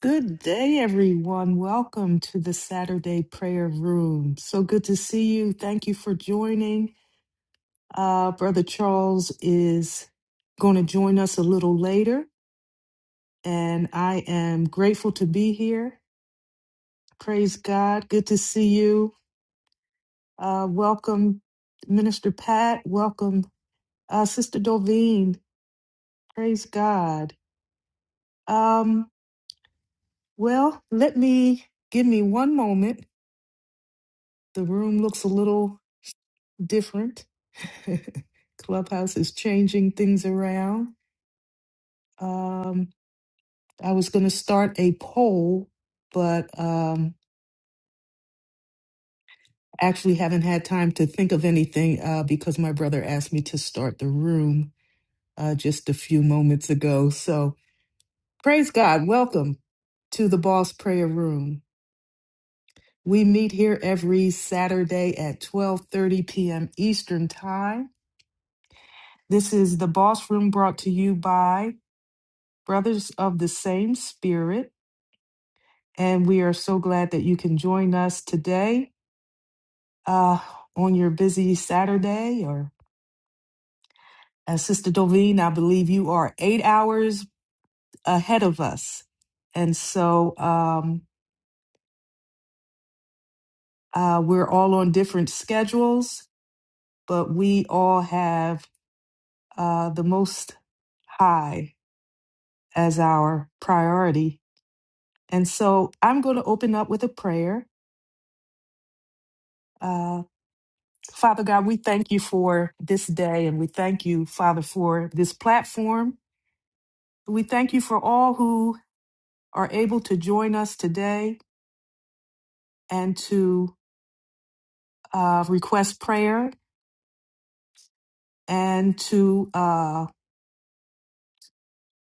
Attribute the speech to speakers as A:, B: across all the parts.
A: Good day, everyone. Welcome to the Saturday Prayer Room. So good to see you. Thank you for joining. Uh, Brother Charles is going to join us a little later, and I am grateful to be here. Praise God. Good to see you. Uh, welcome, Minister Pat. Welcome, uh, Sister Doveen. Praise God. Um, well, let me give me one moment. The room looks a little different. Clubhouse is changing things around. Um, I was going to start a poll, but um, actually haven't had time to think of anything uh, because my brother asked me to start the room uh, just a few moments ago. So praise God. Welcome to the Boss Prayer Room. We meet here every Saturday at 12:30 p.m. Eastern Time. This is the Boss Room brought to you by brothers of the same spirit, and we are so glad that you can join us today uh, on your busy Saturday. Or, as Sister Dovine, I believe you are eight hours ahead of us. And so um, uh, we're all on different schedules, but we all have uh, the Most High as our priority. And so I'm going to open up with a prayer. Uh, Father God, we thank you for this day and we thank you, Father, for this platform. We thank you for all who are able to join us today and to uh, request prayer and to uh,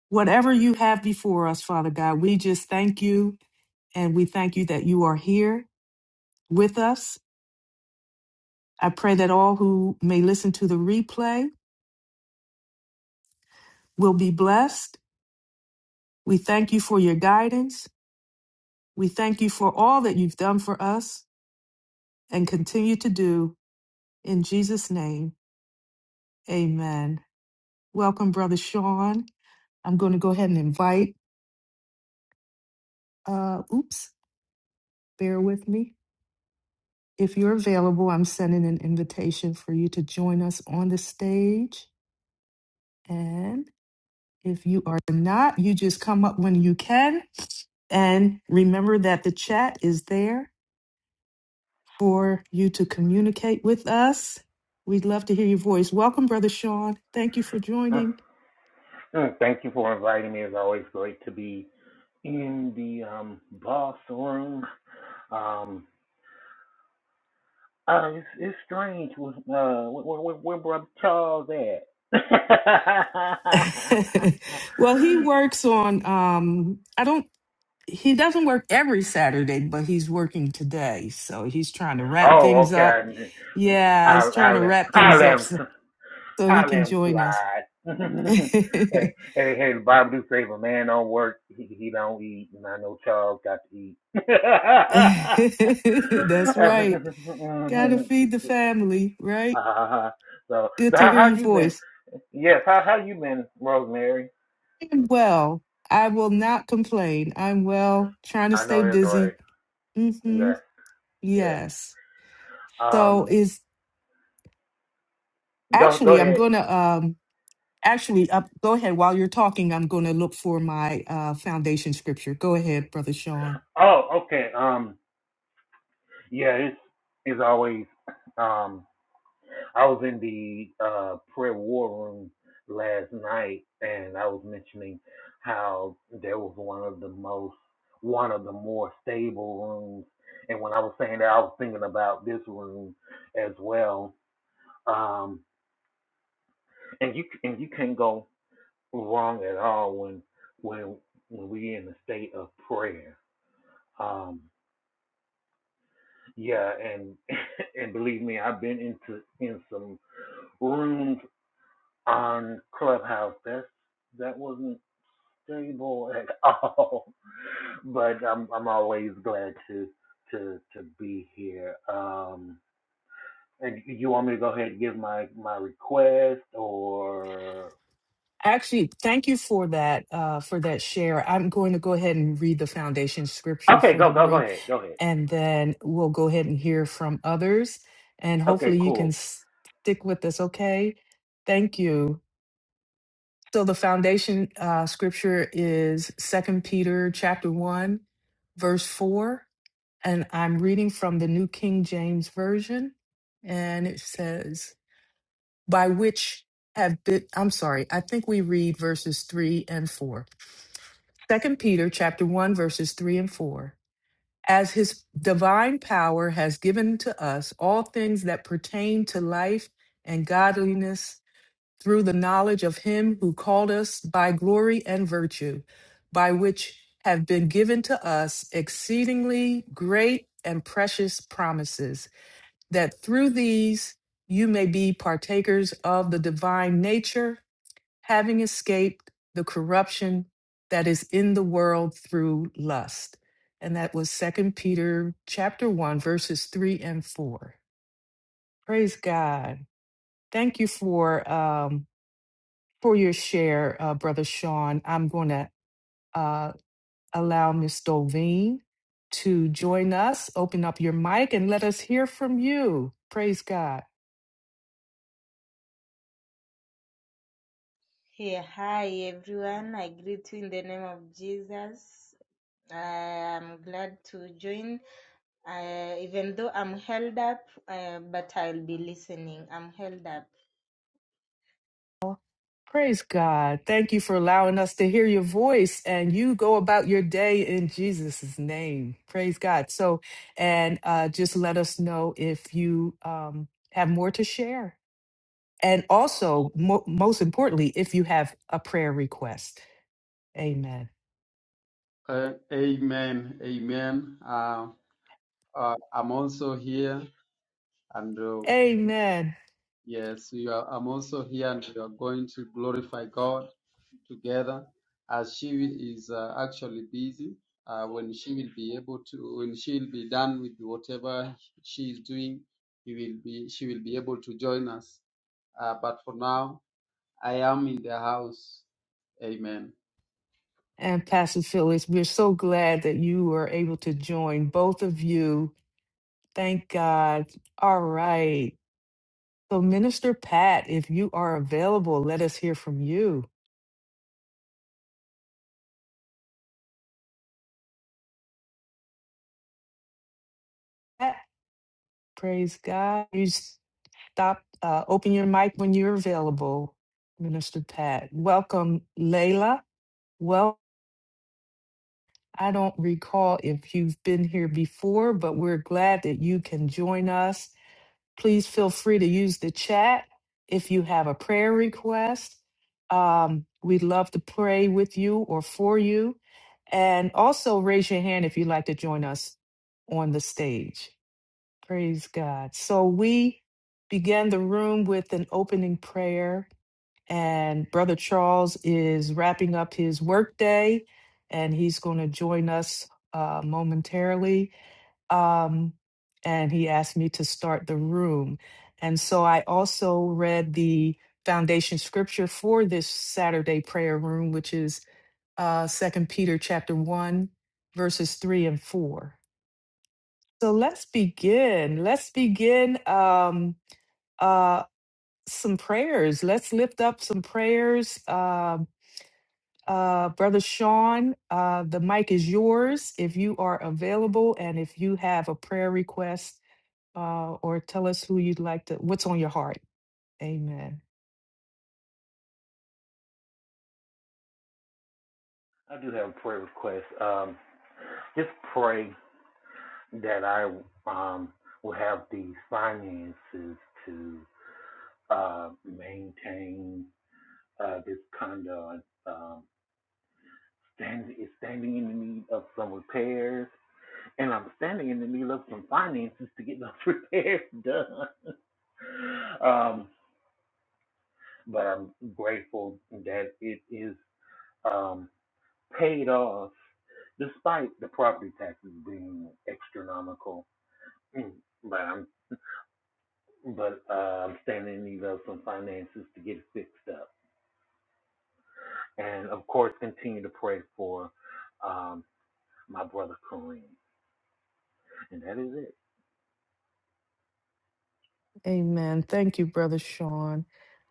A: whatever you have before us, Father God. We just thank you and we thank you that you are here with us. I pray that all who may listen to the replay will be blessed. We thank you for your guidance. We thank you for all that you've done for us. and continue to do in Jesus' name. Amen. Welcome, Brother Sean. I'm going to go ahead and invite, uh, oops, bear with me. If you're available, I'm sending an invitation for you to join us on the stage. And if you are not, you just come up when you can. And remember that the chat is there for you to communicate with us. We'd love to hear your voice. Welcome, Brother Sean. Thank you for joining.
B: Mm-hmm. Thank you for inviting me. It's always great to be in the um, boss room. Um, uh, it's, it's strange. With, uh, where, where, where Brother Charles at?
A: well, he works on um I don't he doesn't work every Saturday, but he's working today. So he's trying to wrap
B: oh,
A: things
B: okay.
A: up.
B: I,
A: Yeah,
B: I,
A: he's
B: I,
A: trying to
B: let,
A: wrap
B: I
A: things
B: let
A: up so,
B: him.
A: so he
B: I let
A: can
B: him
A: join us.
B: slide. hey, hey, hey, the Bible do say if a man don't work, he, he don't eat. And I know Charles got to eat.
A: That's right. Got to feed the family, right?
B: uh, so,
A: Good
B: so
A: to hear
B: how,
A: your
B: how you been?
A: voice.
B: Yes, how how you been, Rosemary?
A: I'm well. I will not complain. I'm well, trying to
B: I know
A: stay
B: it's all right.
A: busy.
B: Yeah,
A: Mhm.
B: yeah.
A: Yes. So
B: Um,
A: is
B: go go
A: actually I'm
B: ahead.
A: going to um Actually, uh, go ahead. While you're talking, I'm going to look for my uh, foundation scripture. Go ahead, Brother Sean.
B: Oh, okay. Um, yeah, it's it's always um I was in the uh, prayer war room last night, and I was mentioning how there was one of the most, one of the more stable rooms. And when I was saying that, I was thinking about this room as well. Um, and you and you can't go wrong at all when when when we in the state of prayer. Um, yeah, and and believe me, I've been into in some rooms on Clubhouse. That's that wasn't stable at all. But I'm I'm always glad to to to be here. Um and you want me to go ahead and give my my request or
A: Actually, thank you for that uh, for that share. I'm going to go ahead and read the foundation scripture
B: Okay,
A: for the
B: go go go
A: room.
B: ahead. Go ahead.
A: and then we'll go ahead and hear from others. And
B: Okay,
A: hopefully you can
B: cool.
A: s- stick with us, okay? Thank you. So the foundation uh, scripture is Second Peter chapter 1, verse 4. And I'm reading from the New King James Version. And it says, by which have been, I'm sorry, I think we read verses 3 and 4. Second Peter chapter 1, verses 3 and 4. as his divine power has given to us all things that pertain to life and godliness through the knowledge of him who called us by glory and virtue, by which have been given to us exceedingly great and precious promises, that through these you may be partakers of the divine nature having escaped the corruption that is in the world through lust. And that was Second Peter chapter 1 verses 3 and 4. Praise God. Thank you for um for your share, uh, brother Sean. I'm going to uh allow Miss Dolveen to join us. Open up your mic and let us hear from you. Praise God.
C: Hey, hi everyone. I greet you in the name of Jesus. I am glad to join, uh, even though I'm held up, uh, but I'll be listening. I'm held up.
A: Praise God. Thank you for allowing us to hear your voice and you go about your day in Jesus' name. Praise God. So, and uh, just let us know if you um, have more to share. And also, mo- most importantly, if you have a prayer request. Amen.
C: Uh, amen. Amen. Uh, uh, I'm also here, and uh,
A: Amen.
C: yes, you are, I'm also here, and we are going to glorify God. together as she is uh, actually busy uh, when she will be able to when she will be done with whatever she is doing he will be she will be able to join us uh, but for now i am in the house amen
A: And Pastor Phyllis, we're so glad that you were able to join both of you. Thank God. All right. So, Minister Pat, if you are available, let us hear from you. Pat, praise God. You stop, uh, open your mic when you're available, Minister Pat. Welcome, Layla. Well, I don't recall if you've been here before, but we're glad that you can join us. Please feel free to use the chat if you have a prayer request. Um, we'd love to pray with you or for you. And also raise your hand if you'd like to join us on the stage. Praise God. So we began the room with an opening prayer, and Brother Charles is wrapping up his workday, and he's going to join us uh, momentarily um, and he asked me to start the room. And so I also read the foundation scripture for this Saturday prayer room, which is uh, 2 Peter chapter 1, verses 3 and 4. So let's begin. Let's begin um, uh, some prayers. Let's lift up some prayers. Uh, uh, Brother Sean, uh, the mic is yours if you are available and if you have a prayer request uh, or tell us who you'd like to, what's on your heart. Amen.
B: I do have a prayer request. Um just pray that I um will have the finances to uh maintain uh this condo Um. stand is standing in the need of some repairs, and I'm standing in the need of some finances to get those repairs done. Um, but I'm grateful that it is um, paid off despite the property taxes being astronomical. Mm, But I'm but uh, I'm standing in need of some finances to get it fixed up, and of course continue to pray for um, my brother Kareem, and that is it.
A: Amen. Thank you, Brother Sean.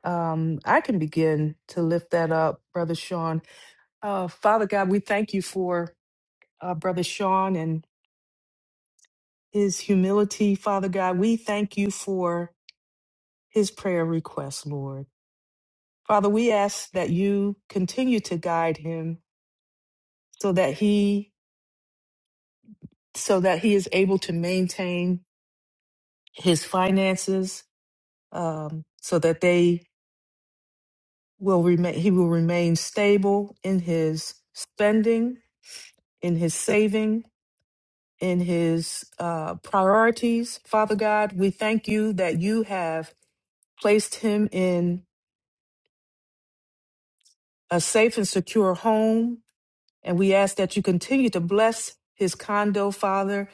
A: Um, I can begin to lift that up, Brother Sean. Uh, Father God, we thank you for uh, Brother Sean and his humility. Father God, we thank you for his prayer request, Lord. Father, we ask that you continue to guide him so that he so that he is able to maintain his finances um, so that they will remain he will remain stable in his spending in his saving in his uh, priorities father god we thank you that you have placed him in a safe and secure home and we ask that you continue to bless his condo father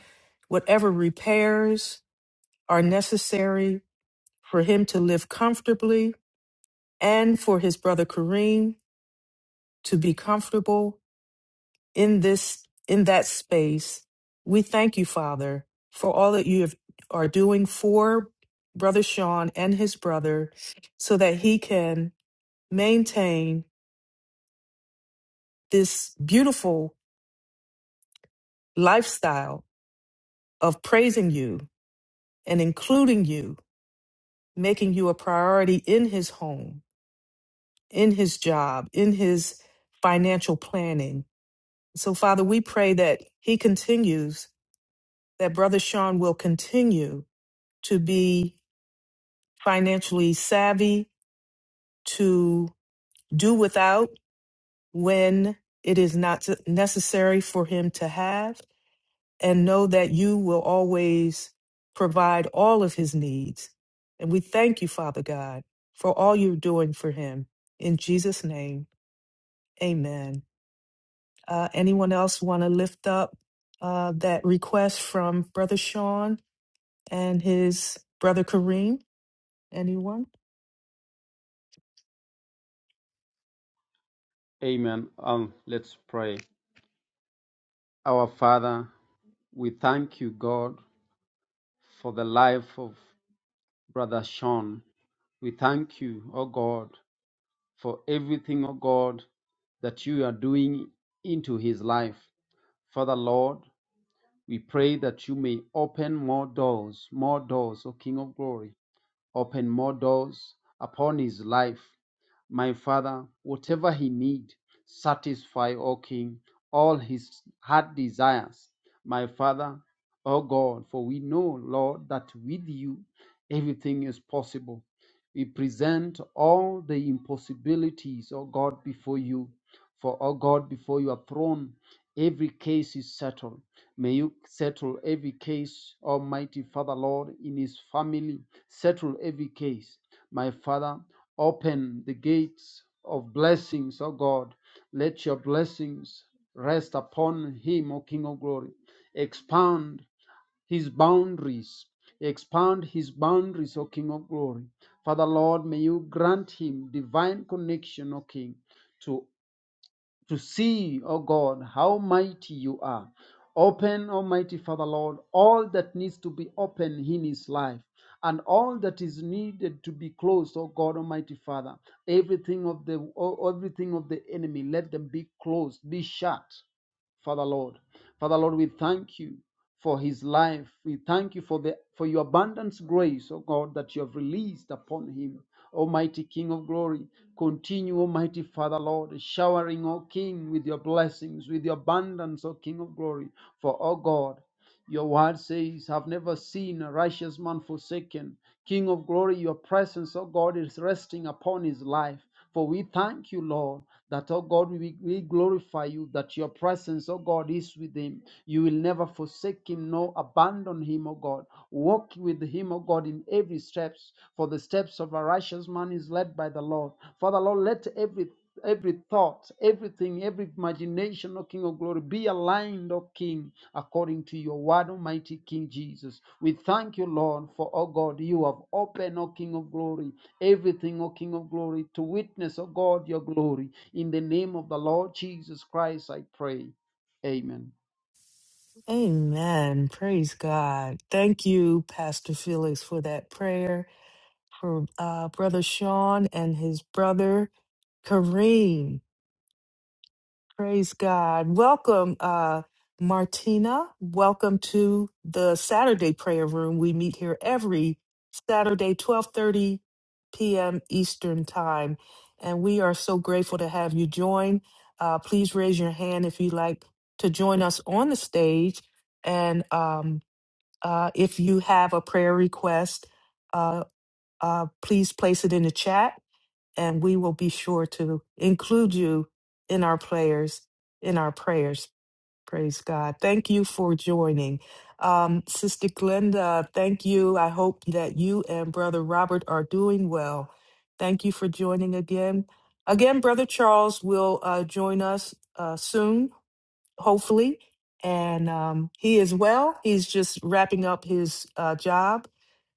A: whatever repairs are necessary for him to live comfortably and for his brother kareem to be comfortable in this in that space. We thank you, Father, for all that you have, are doing for Brother Sean and his brother, so that he can maintain this beautiful lifestyle of praising you and including you, making you a priority in his home, in his job, in his financial planning. So, Father, we pray that he continues, that Brother Sean will continue to be financially savvy to do without when it is not necessary for him to have, and know that you will always provide all of his needs. And we thank you, Father God, for all you're doing for him. In Jesus' name, amen. Uh, anyone else want to lift up uh, that request from Brother Sean and his brother Kareem? Anyone?
C: amen um let's pray our father we thank you god for the life of brother sean we thank you oh god for everything oh god that you are doing into his life Father, Lord, we pray that you may open more doors, more doors, O King of glory open more doors upon his life. My Father, whatever he need, satisfy, O King, all his heart desires. My Father, O God, for we know, Lord, that with you everything is possible. We present all the impossibilities, O God, before you. For, O God, before your throne, every case is settled. May you settle every case, Almighty Father, Lord, in his family. Settle every case. My Father, open the gates of blessings, O God. Let your blessings rest upon him, O King of glory. Expand his boundaries. Expand his boundaries, O King of glory. Father, Lord, may you grant him divine connection, O King to to see, O God, how mighty you are. Open, Almighty Father Lord, all that needs to be open in his life and all that is needed to be closed, O God Almighty Father. Everything of the oh, everything of the enemy, let them be closed, be shut. Father Lord. Father Lord, we thank you for his life. We thank you for the for your abundant grace, oh God, that you have released upon him. Almighty King of glory, continue, Almighty Father Lord, showering, O King, with your blessings, with your abundance, O King of glory. For, O God, your word says, I've never seen a righteous man forsaken. King of glory, your presence, oh God, is resting upon his life. For we thank you, Lord, that, oh God, we, we glorify you, that your presence, oh God, is with him. You will never forsake him, nor abandon him, oh God. Walk with him, oh God, in every steps. For the steps of a righteous man is led by the Lord. Father, Lord, let every every thought, everything, every imagination, O King of glory, be aligned, O King, according to your word, Almighty King Jesus. We thank you, Lord, for, O God, you have opened, O King of glory, everything, O King of glory, to witness, O God, your glory. In the name of the Lord Jesus Christ, I pray. Amen.
A: Amen. Praise God. Thank you, Pastor Felix, for that prayer for uh, Brother Sean and his brother Kareem. Praise God. Welcome, uh, Martina. Welcome to the Saturday prayer room. We meet here every Saturday, 12:30 p.m. Eastern Time, and we are so grateful to have you join. Uh, please raise your hand if you'd like to join us on the stage, and um, uh, if you have a prayer request, uh, uh, please place it in the chat and we will be sure to include you in our prayers, in our prayers. Praise God. Thank you for joining. Um, Sister Glenda, thank you. I hope that you and Brother Robert are doing well. Thank you for joining again. Again, Brother Charles will uh, join us uh, soon, hopefully. And um, he is well. He's just wrapping up his uh, job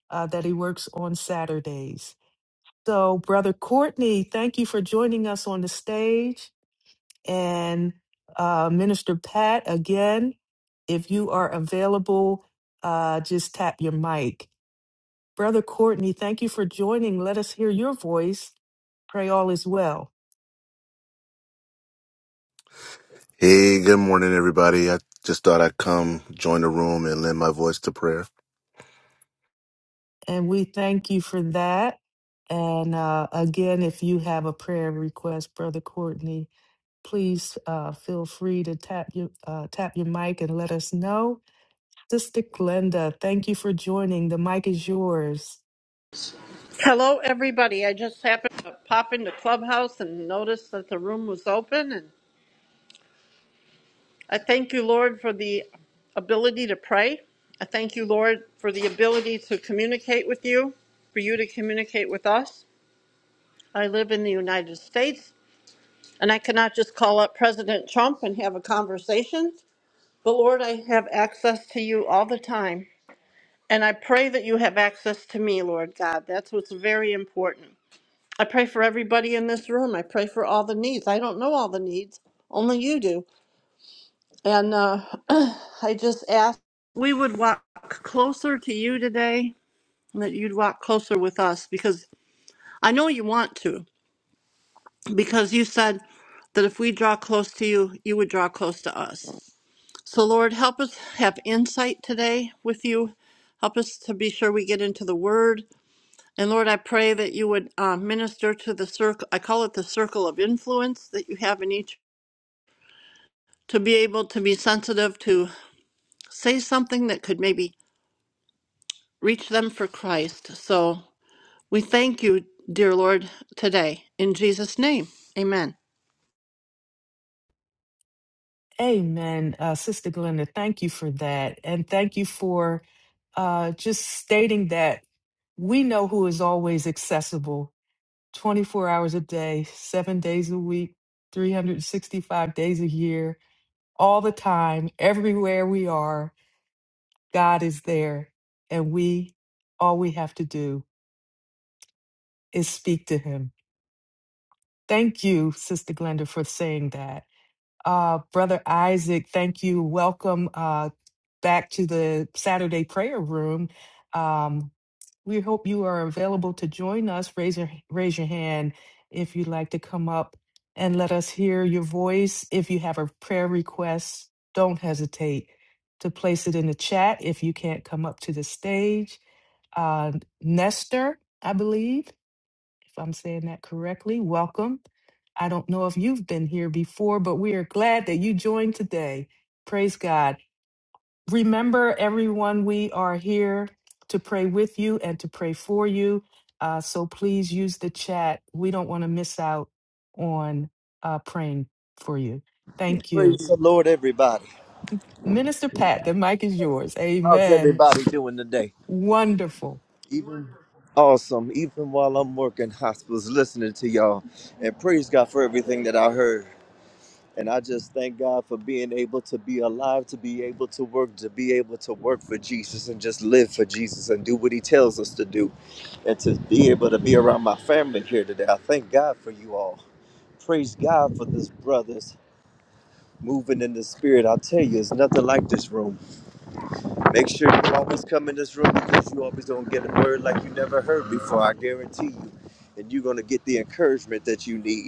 A: uh, that he works on Saturdays. So, Brother Courtney, thank you for joining us on the stage. And uh, Minister Pat, again, if you are available, uh, just tap your mic. Brother Courtney, thank you for joining. Let us hear your voice. Pray all is well.
D: Hey, good morning, everybody. I just thought I'd come join the room and lend my voice to prayer.
A: And we thank you for that. And uh, again, if you have a prayer request, Brother Courtney, please uh, feel free to tap your uh, tap your mic and let us know Sister Glenda, thank you for joining. The mic is yours.
E: Hello, everybody. I just happened to pop into Clubhouse and noticed that the room was open. And I thank you, Lord, for the ability to pray. I thank you, Lord, for the ability to communicate with you, for you to communicate with us. I live in the United States, and I cannot just call up President Trump and have a conversation. But Lord, I have access to you all the time. And I pray that you have access to me, Lord God. That's what's very important. I pray for everybody in this room. I pray for all the needs. I don't know all the needs, only you do. And uh, I just ask we would walk closer to you today, and that you'd walk closer with us because I know you want to, because you said that if we draw close to you, you would draw close to us. So, Lord, help us have insight today with you. Help us to be sure we get into the word. And Lord, I pray that you would uh, minister to the circle, I call it the circle of influence that you have in each, to be able to be sensitive to say something that could maybe reach them for Christ. So we thank you, dear Lord, today. In Jesus' name, amen.
A: Amen. Uh, Sister Glenda, thank you for that. And thank you for uh, just stating that we know who is always accessible 24 hours a day, seven days a week, 365 days a year, all the time, everywhere we are. God is there. And we, all we have to do is speak to him. Thank you, Sister Glenda, for saying that. Uh, Brother Isaac, thank you. Welcome uh, back to the Saturday prayer room. Um, we hope you are available to join us. Raise your, raise your hand if you'd like to come up and let us hear your voice. If you have a prayer request, don't hesitate to place it in the chat if you can't come up to the stage. Uh, Nestor, I believe if I'm saying that correctly. Welcome. I don't know if you've been here before, but we are glad that you joined today. Praise God. Remember, everyone, we are here to pray with you and to pray for you. Uh, so please use the chat. We don't want to miss out on uh, praying for you. Thank
F: Praise
A: you.
F: the Lord, everybody.
A: Minister Pat, the mic is yours.
F: How's
A: Amen.
F: everybody doing today?
A: Wonderful.
F: Even awesome, even while I'm working hospitals, listening to y'all. And praise God for everything that I heard. And I just thank God for being able to be alive, to be able to work, to be able to work for Jesus and just live for Jesus and do what He tells us to do. And to be able to be around my family here today. I thank God for you all. Praise God for this brothers moving in the spirit. I tell you, it's nothing like this room. Make sure you always come in this room because you always gonna get a word like you never heard before. I guarantee you, and you're gonna get the encouragement that you need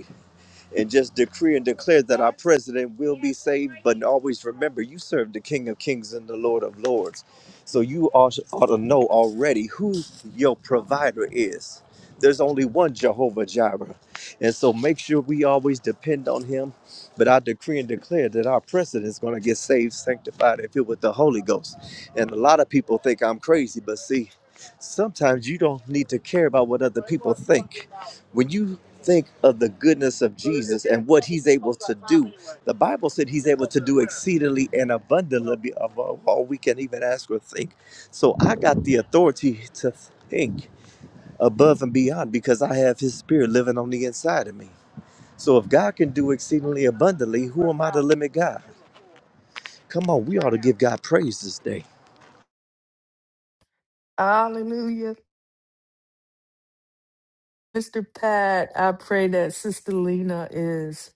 F: and just decree and declare that our president will be saved. But always remember, you serve the King of Kings and the Lord of Lords. So you ought, ought to know already who your provider is. There's only one Jehovah Jireh. And so make sure we always depend on him. But I decree and declare that our president is going to get saved, sanctified, and filled with the Holy Ghost. And a lot of people think I'm crazy, but see, sometimes you don't need to care about what other people think. When you think of the goodness of Jesus and what he's able to do. The Bible said he's able to do exceedingly and abundantly above all we can even ask or think. So I got the authority to think above and beyond because I have his spirit living on the inside of me. So if God can do exceedingly abundantly, who am I to limit God? Come on, we ought to give God praise this day.
A: Hallelujah. Mr. Pat, I pray that Sister Lena is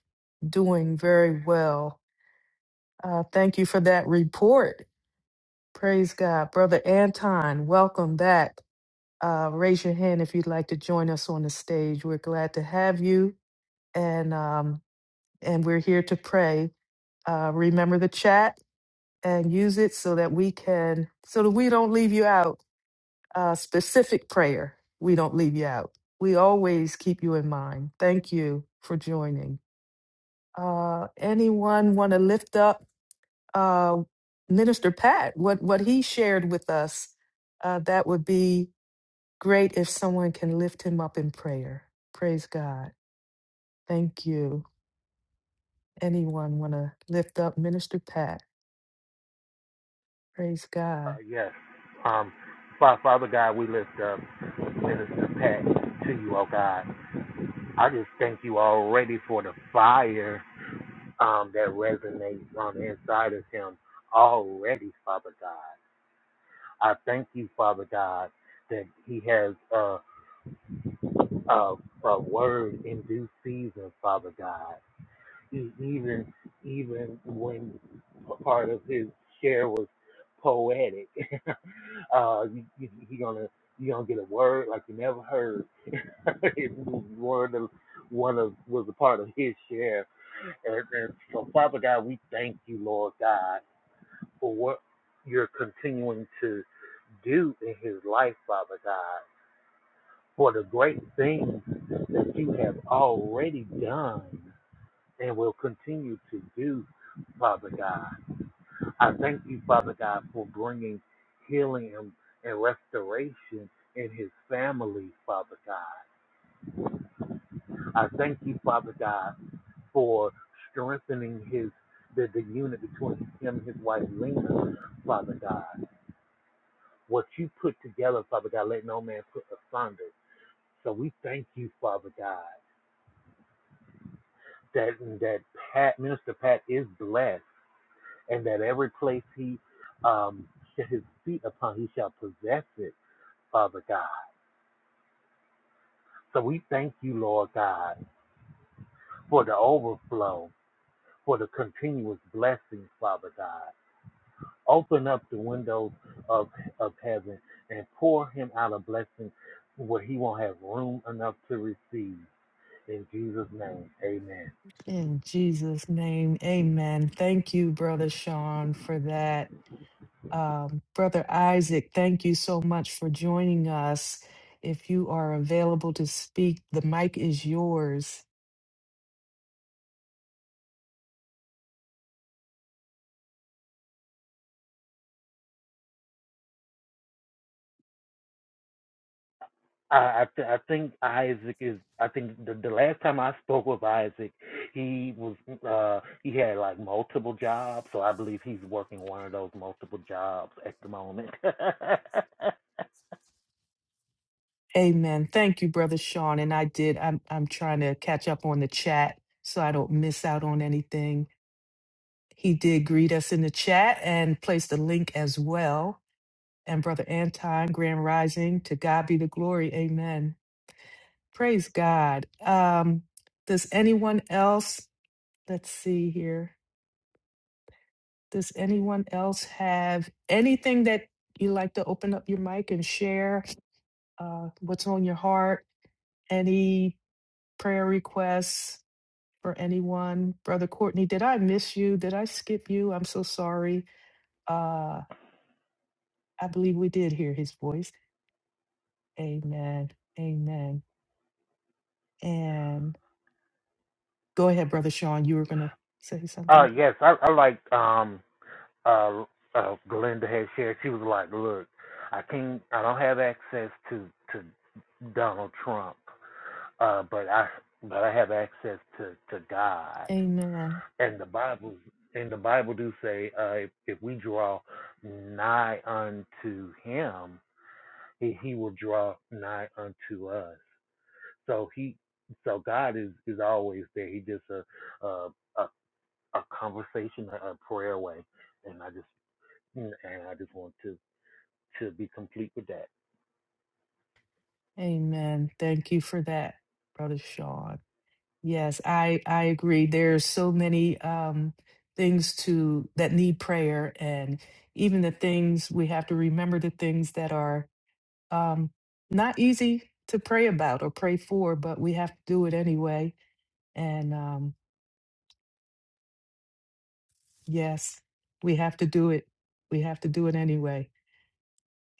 A: doing very well. Uh, thank you for that report. Praise God. Brother Anton, welcome back. Uh, raise your hand if you'd like to join us on the stage. We're glad to have you, and um, and we're here to pray. Uh, remember the chat and use it so that we can, so that we don't leave you out. Uh, specific prayer. We don't leave you out. We always keep you in mind. Thank you for joining. Uh, anyone want to lift up uh, Minister Pat? What what he shared with us? Uh, that would be great if someone can lift him up in prayer. Praise God. Thank you. Anyone want to lift up Minister Pat? Praise
B: Uh,
A: God.
B: yes. Um, Father God, we lift up Minister Pat to you, oh God. I just thank you already for the fire um, that resonates on the inside of him already, Father God. I thank you, Father God, that he has a, a, a word in due season, Father God. e- even even when p- part of his share was poetic. uh, you, you, you gonna you gonna get a word like you never heard. It was one of one of was a part of his share, and, and so Father God, we thank you, Lord God, for what you're continuing to do in his life, Father God, for the great things that you have already done and will continue to do, Father God. I thank you, Father God, for bringing healing and, and restoration in his family, Father God. I thank you, Father God, for strengthening his the, the unit between him and his wife Lena, Father God. What you put together, Father God, let no man put asunder. So we thank you, Father God, that that Pat, Minister Pat is blessed and that every place he um, set his feet upon, he shall possess it, Father God. So we thank you, Lord God, for the overflow, for the continuous blessings, Father God. Open up the windows of, of heaven and pour him out a blessing where he won't have room enough to receive. In Jesus' name, amen.
A: In Jesus' name, amen. Thank you, Brother Sean, for that Um, Brother Isaac, thank you so much for joining us. If you are available to speak, the mic is yours.
B: I I, th- I think Isaac is. I think the the last time I spoke with Isaac, he was uh he had like multiple jobs, so I believe he's working one of those multiple jobs at the moment. uh
A: Amen. Thank you, Brother Sean. And I did, I'm, I'm trying to catch up on the chat so I don't miss out on anything. He did greet us in the chat and place the link as well. And Brother Anton, Grand Rising, to God be the glory. Amen. Praise God. Um, does anyone else? Let's see here. Does anyone else have anything that you like to open up your mic and share? Uh, what's on your heart? Any prayer requests for anyone? Brother Courtney, did I miss you? Did I skip you? I'm so sorry. Uh, I believe we did hear his voice. Amen. Amen. And go ahead, Brother Sean. You were going to say something.
B: yes, I I like um uh uh Glenda had shared. She was like, look, I can't. I don't have access to to Donald Trump, uh, but I but I have access to to God.
A: Amen.
B: and the Bible and the Bible do say uh, if, if we draw nigh unto Him, he, he will draw nigh unto us. So He, so God is is always there. He just a a a, a conversation, a, a prayer away, and I just and I just want to to be complete with that.
A: Amen. Thank you for that, Brother Sean. Yes, I I agree. There's so many um things to that need prayer and even the things we have to remember the things that are um not easy to pray about or pray for, but we have to do it anyway. And um yes, we have to do it. We have to do it anyway.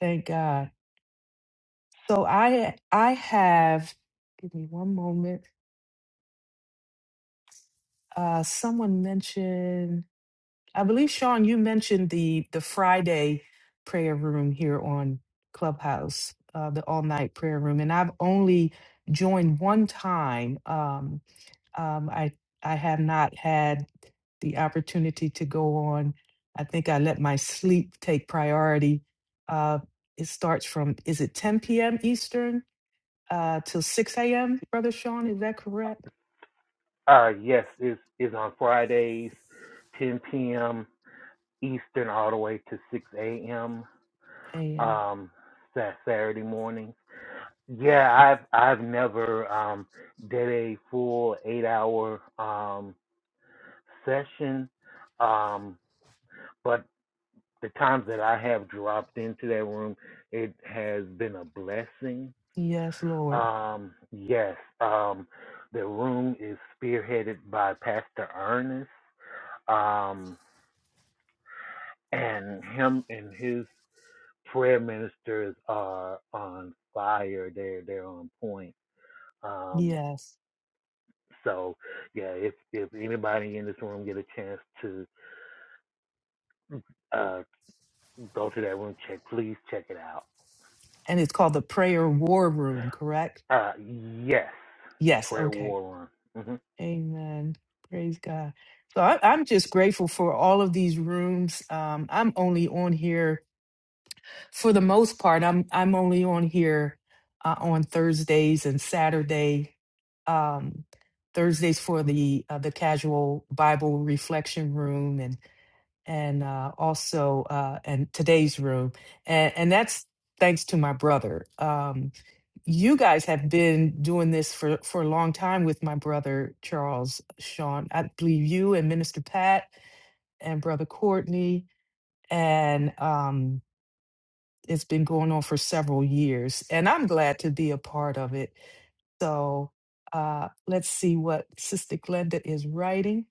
A: Thank God. So I I have give me one moment. Uh someone mentioned I believe Sean, you mentioned the the Friday prayer room here on Clubhouse, uh, the all night prayer room, and I've only joined one time. Um, um, I I have not had the opportunity to go on. I think I let my sleep take priority. Uh, it starts from is it 10 p.m. Eastern uh, till 6 a.m. Brother Sean, is that correct?
B: Uh, yes, is is on Fridays, 10 p.m. Eastern, all the way to 6 a.m.
A: Yeah.
B: Um, Sa- Saturday mornings Yeah, I've I've never um did a full eight hour um session. Um but the times that I have dropped into that room it has been a blessing.
A: Yes, Lord.
B: Um yes, um the room is spearheaded by Pastor Ernest. Um and him and his prayer ministers are on fire. They're they're on point. Um
A: Yes.
B: So yeah, if if anybody in this room get a chance to uh go to that room check, please check it out.
A: And it's called the Prayer War Room, correct?
B: Uh yes, the
A: Yes.
B: prayer
A: Okay.
B: war room. Mm-hmm.
A: Amen. Praise God. So I, I'm just grateful for all of these rooms. Um, I'm only on here for the most part. I'm I'm only on here uh, on Thursdays and Saturday. Um, Thursdays for the uh, the casual Bible reflection room and and uh, also uh, and today's room and and that's thanks to my brother. Um, you guys have been doing this for for a long time with my brother Charles Sean. I believe you and Minister Pat and brother Courtney and um it's been going on for several years and I'm glad to be a part of it. So uh let's see what Sister Glenda is writing.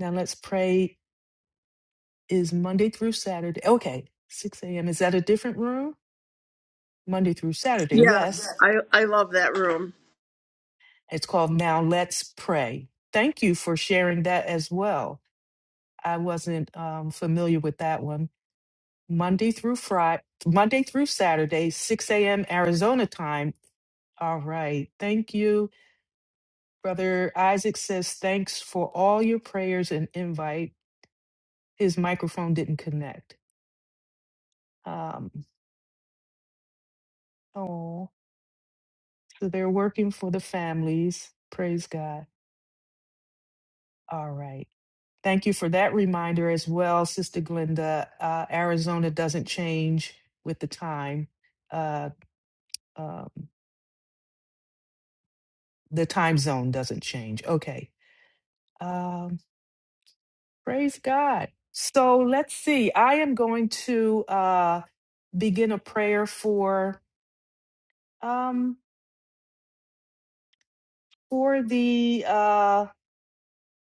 A: Now let's pray is Monday through Saturday. Okay, 6 a.m. Is that a different room? Monday through Saturday,
E: Yes,
A: yes.
E: I, I love that room.
A: It's called Now Let's Pray. Thank you for sharing that as well. I wasn't um, familiar with that one. Monday through Friday, Monday through Saturday, 6 a.m. Arizona time. All right. Thank you. Brother Isaac says, thanks for all your prayers and invite. His microphone didn't connect. Um, oh, so they're working for the families. Praise God. All right. Thank you for that reminder as well, Sister Glenda. Uh, Arizona doesn't change with the time. Uh, um, the time zone doesn't change. Okay. Um, praise God. So let's see. I am going to uh, begin a prayer for um, for the uh,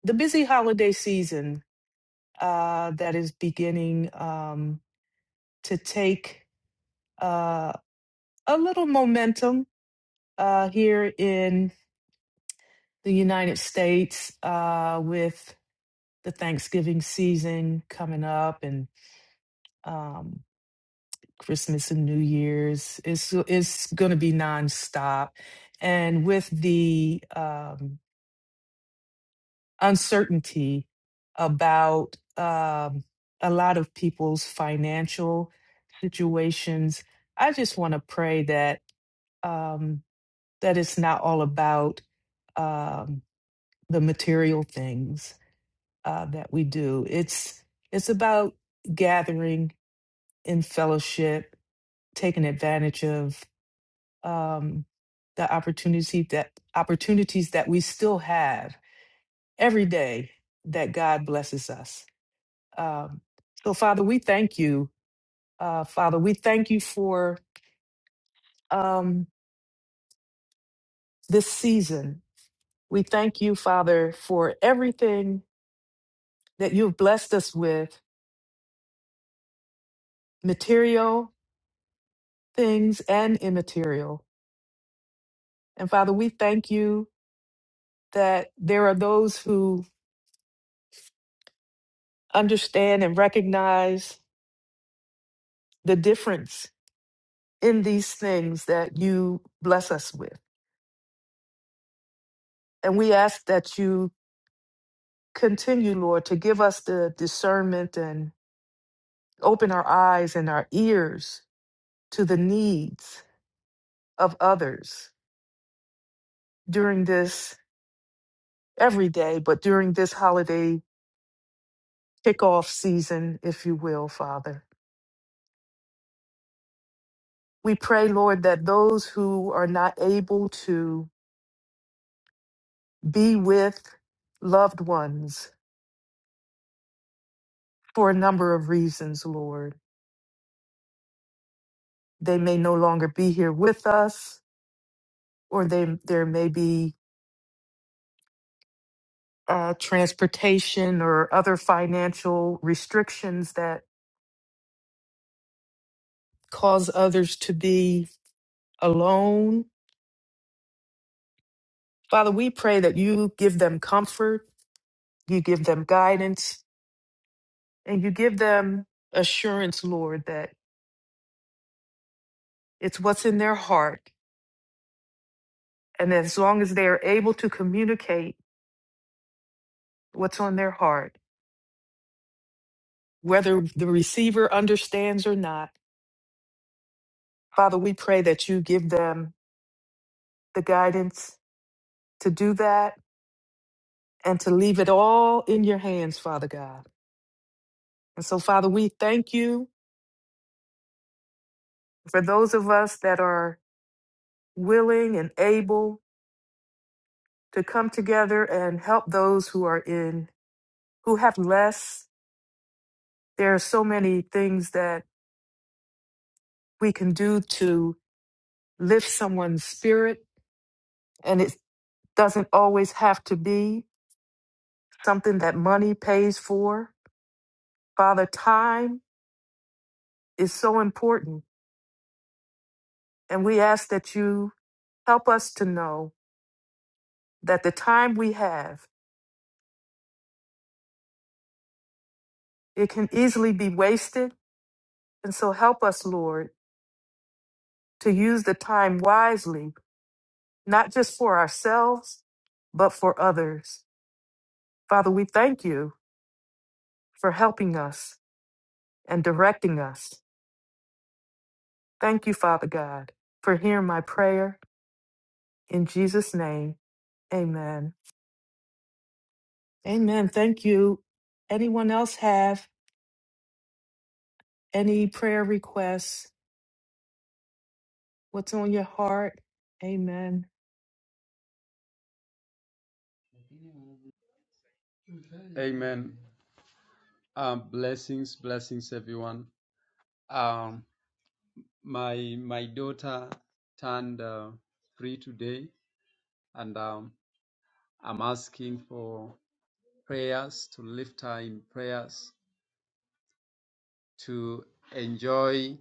A: the busy holiday season uh, that is beginning um, to take uh, a little momentum uh, here in the United States uh, with the Thanksgiving season coming up and um, Christmas and New Year's. It's it's going to be nonstop, and with the um, uncertainty about um, a lot of people's financial situations, I just want to pray that um, that it's not all about um, the material things uh, that we do. It's it's about gathering in fellowship, taking advantage of um, the opportunity that opportunities that we still have every day that God blesses us. Um, so, Father, we thank you. Uh, Father, we thank you for um, this season. We thank you, Father, for everything that you've blessed us with, material things and immaterial. And Father, we thank you that there are those who understand and recognize the difference in these things that you bless us with. And we ask that you continue, Lord, to give us the discernment and open our eyes and our ears to the needs of others during this every day, but during this holiday kickoff season, if you will, Father. We pray, Lord, that those who are not able to be with loved ones for a number of reasons, Lord. They may no longer be here with us, or they, there may be uh, transportation or other financial restrictions that cause others to be alone. Father, we pray that you give them comfort, you give them guidance, and you give them assurance, Lord, that it's what's in their heart. And as long as they are able to communicate what's on their heart, whether the receiver understands or not. Father, we pray that you give them the guidance to do that and to leave it all in your hands, Father God. And so, Father, we thank you for those of us that are willing and able to come together and help those who are in, who have less. There are so many things that we can do to lift someone's spirit, and it doesn't always have to be something that money pays for Father, time is so important. And we ask that you help us to know that the time we have, it can easily be wasted. And so help us, Lord, to use the time wisely, not just for ourselves, but for others. Father, we thank you for helping us and directing us. Thank you, Father God, for hearing my prayer. In Jesus' name, amen. Amen. Thank you. Anyone else have? Any prayer requests? What's on your heart? Amen.
C: Amen. Um, this blessed one. Um, my my daughter turned uh, three today, and um, I'm asking for prayers, to lift her in prayers, to enjoy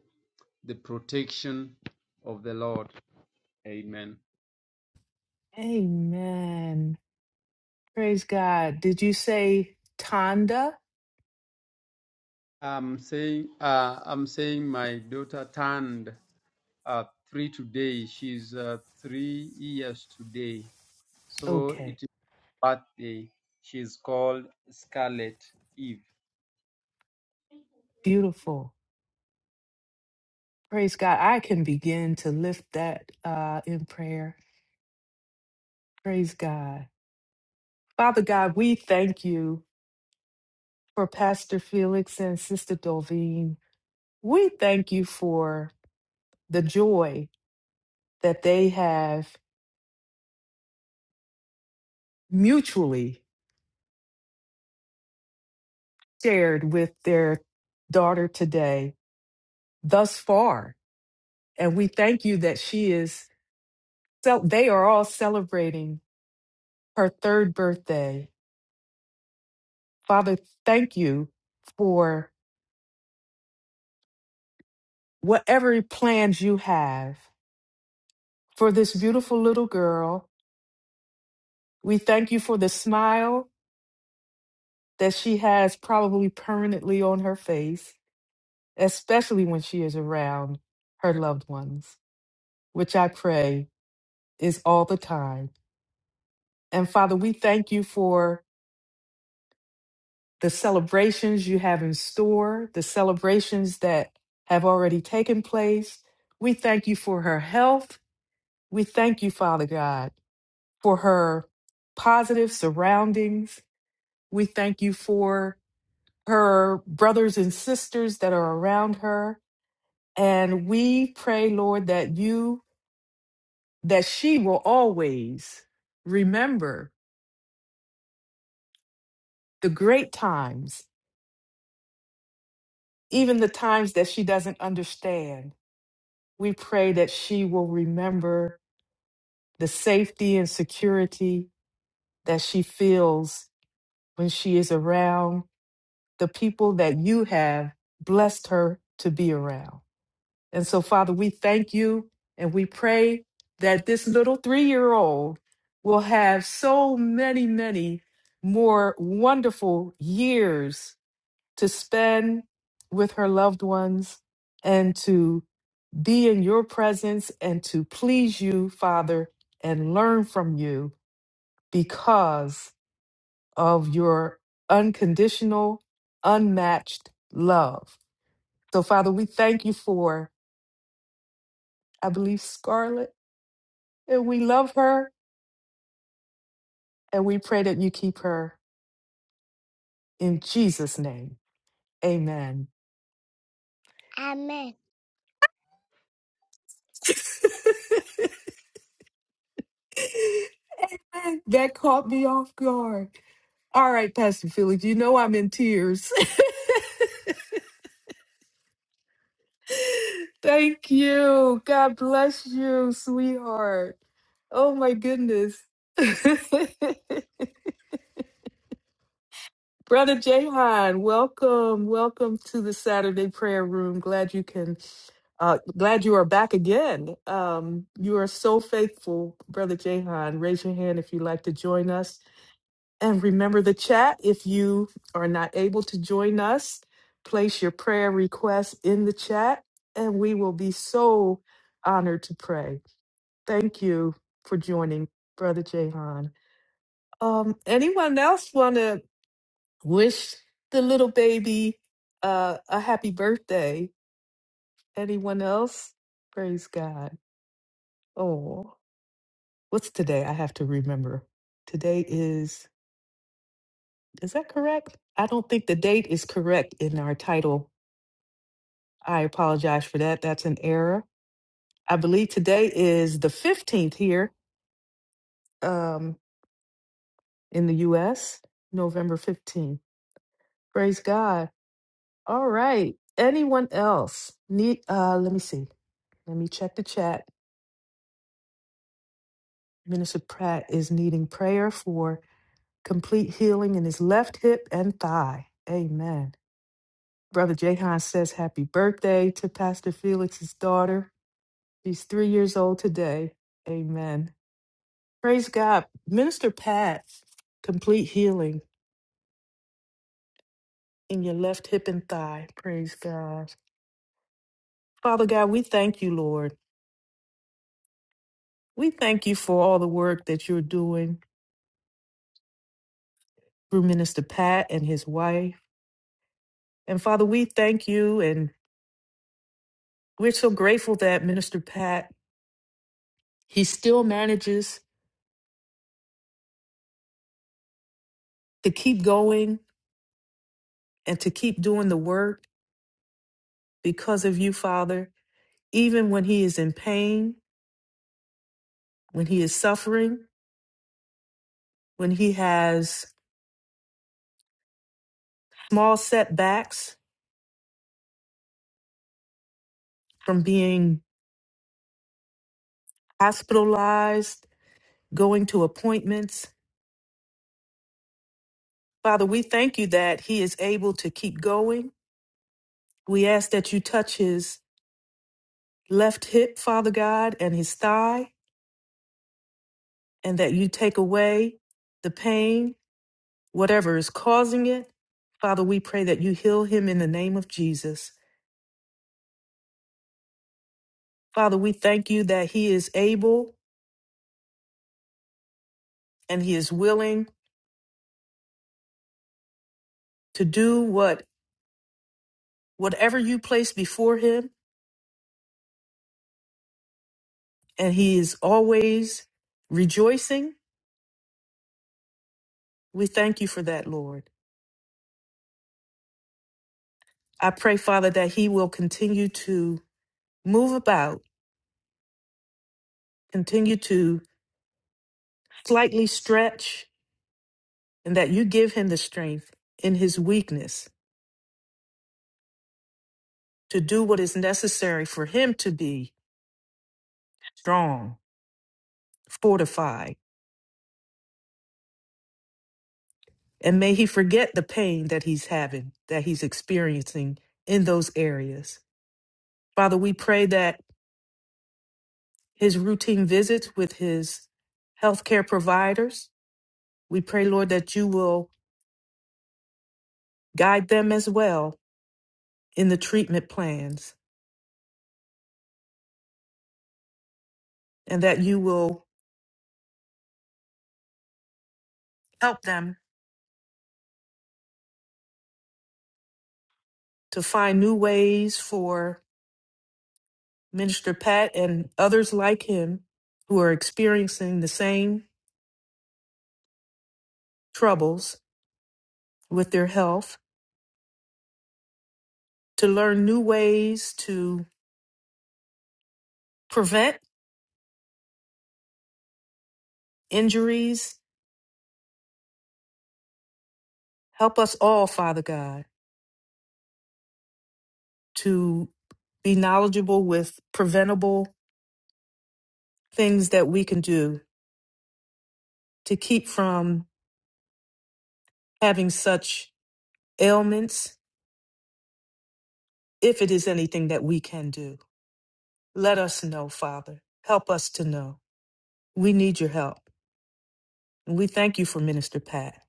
C: the protection of the Lord. Amen.
A: Amen. Praise God. Did you say Tonda?
C: I'm saying, uh, I'm saying my daughter turned uh, three today. She's uh, three years today. So it
A: Okay.
C: is her birthday. She's called Scarlet Eve.
A: Beautiful. Praise God. I can begin to lift that uh, in prayer. Praise God. Father God, we thank you for Pastor Felix and Sister Dolveen. We thank you for the joy that they have mutually shared with their daughter today. thus far. And we thank you that she is, so they are all celebrating her third birthday. Father, thank you for whatever plans you have for this beautiful little girl. We thank you for the smile that she has probably permanently on her face, especially when she is around her loved ones, which I pray is all the time. And Father, we thank you for the celebrations you have in store, the celebrations that have already taken place. We thank you for her health. We thank you, Father God, for her positive surroundings. We thank you for her brothers and sisters that are around her. And we pray, Lord, that you, that she will always remember the great times, even the times that she doesn't understand We pray that she will remember the safety and security that she feels when she is around the people that you have blessed her to be around. And so, Father, we thank you and we pray that this little three year old will have so many, many more wonderful years to spend with her loved ones and to be in your presence and to please you, Father, and learn from you because of your unconditional, unmatched love. So, Father, we thank you for, I believe, Scarlett, and we love her and we pray that you keep her in Jesus' name. Amen.
C: Amen.
A: that caught me off guard. All right, Pastor Felix, you know I'm in tears. Thank you. God bless you, sweetheart. Oh my goodness. Brother Jahan, welcome, welcome to the Saturday prayer room. Glad you can, uh, glad you are back again. Um, you are so faithful, Brother Jahan. Raise your hand if you'd like to join us And remember the chat. If you are not able to join us, place your prayer request in the chat and we will be so honored to pray. Thank you for joining, Brother Jahan. Um, anyone else want to wish the little baby uh, a happy birthday? Anyone else? Praise God. Oh, what's today? I have to remember. Today is, is that correct? I don't think the date is correct in our title I apologize for that. That's an error. I believe today is the 15th here um, in the US, November 15th. Praise God. All right. Anyone else need, uh, let me see. Let me check the chat. Minister Pratt is needing prayer for complete healing in his left hip and thigh. Amen. Brother Jahan says happy birthday to Pastor Felix's daughter. She's three years old today. Amen. Praise God. Minister Pat, complete healing in your left hip and thigh. Praise God. Father God, we thank you, Lord. We thank you for all the work that you're doing through Minister Pat and his wife. And Father, we thank you and we're so grateful that Minister Pat, he still manages to keep going and to keep doing the work because of you, Father, even when he is in pain, when he is suffering, when he has small setbacks, from being hospitalized, going to appointments. Father, we thank you that he is able to keep going. We ask that you touch his left hip, Father God, and his thigh, and that you take away the pain, whatever is causing it. Father, we pray that you heal him in the name of Jesus. Father, we thank you that he is able and he is willing to do what whatever you place before him, and he is always rejoicing We thank you for that, Lord. I pray, Father, that he will continue to move about, continue to slightly stretch, and that you give him the strength in his weakness to do what is necessary for him to be strong, fortified. And may he forget the pain that he's having, that he's experiencing in those areas. Father, we pray that his routine visits with his healthcare providers, we pray, Lord, that you will guide them as well in the treatment plans and that you will help them to find new ways for Minister Pat and others like him who are experiencing the same troubles with their health to learn new ways to prevent injuries. Help us all, Father God, to be knowledgeable with preventable things that we can do to keep from having such ailments if it is anything that we can do. Let us know, Father. Help us to know. We need your help. And we thank you for Minister Pat.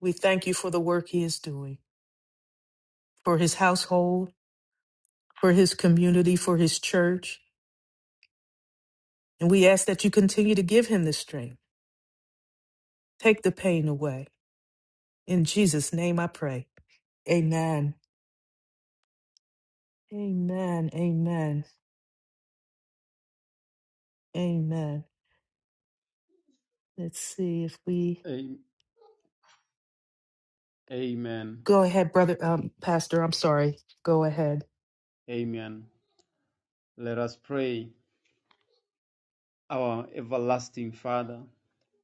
A: We thank you for the work he is doing, for his household, for his community, for his church. And we ask that you continue to give him the strength. Take the pain away. In Jesus' name I pray. Amen. Amen. Amen. Amen. Let's see if we
C: Am- Amen.
A: go ahead, brother, um, Pastor. I'm sorry. Go ahead.
C: Amen. Let us pray. Our everlasting Father,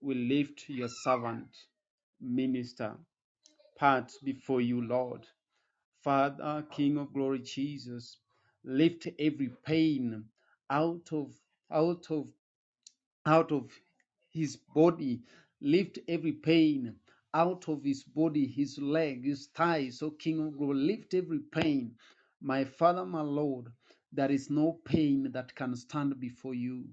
C: we lift your servant, minister, part before you, Lord. Father, King of glory, Jesus, lift every pain out of out of out of his body, lift every pain out of his body, his leg, his thighs, O King of glory, lift every pain. My Father, my Lord, there is no pain that can stand before you.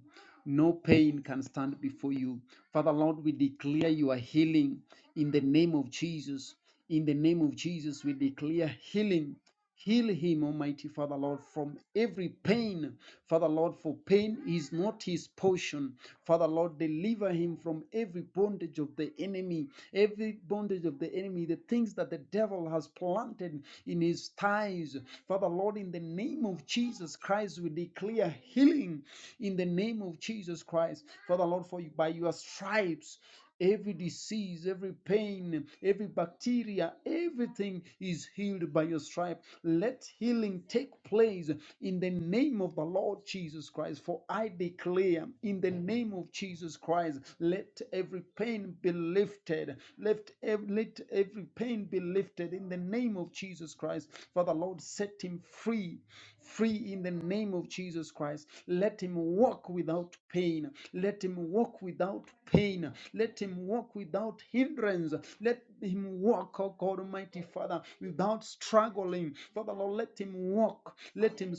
C: No pain can stand before you. Father, Lord, we declare your healing in the name of Jesus. In the name of Jesus, we declare healing Heal him, Almighty Father, Lord, from every pain. Father, Lord, for pain is not his portion. Father, Lord, deliver him from every bondage of the enemy, every bondage of the enemy, the things that the devil has planted in his thighs. Father, Lord, in the name of Jesus Christ, we declare healing in the name of Jesus Christ. Father, Lord, for you, by your stripes. Every disease, every pain, every bacteria, everything is healed by your stripe. Let healing take place in the name of the Lord Jesus Christ. For I declare in the name of Jesus Christ, let every pain be lifted. Let, every let every pain be lifted in the name of Jesus Christ. For the Lord set him free free in the name of Jesus Christ. Let him walk without pain. Let him walk without pain. Let him walk without hindrance. Let him walk, oh God Almighty Father, without struggling. Father Lord, let him walk. Let him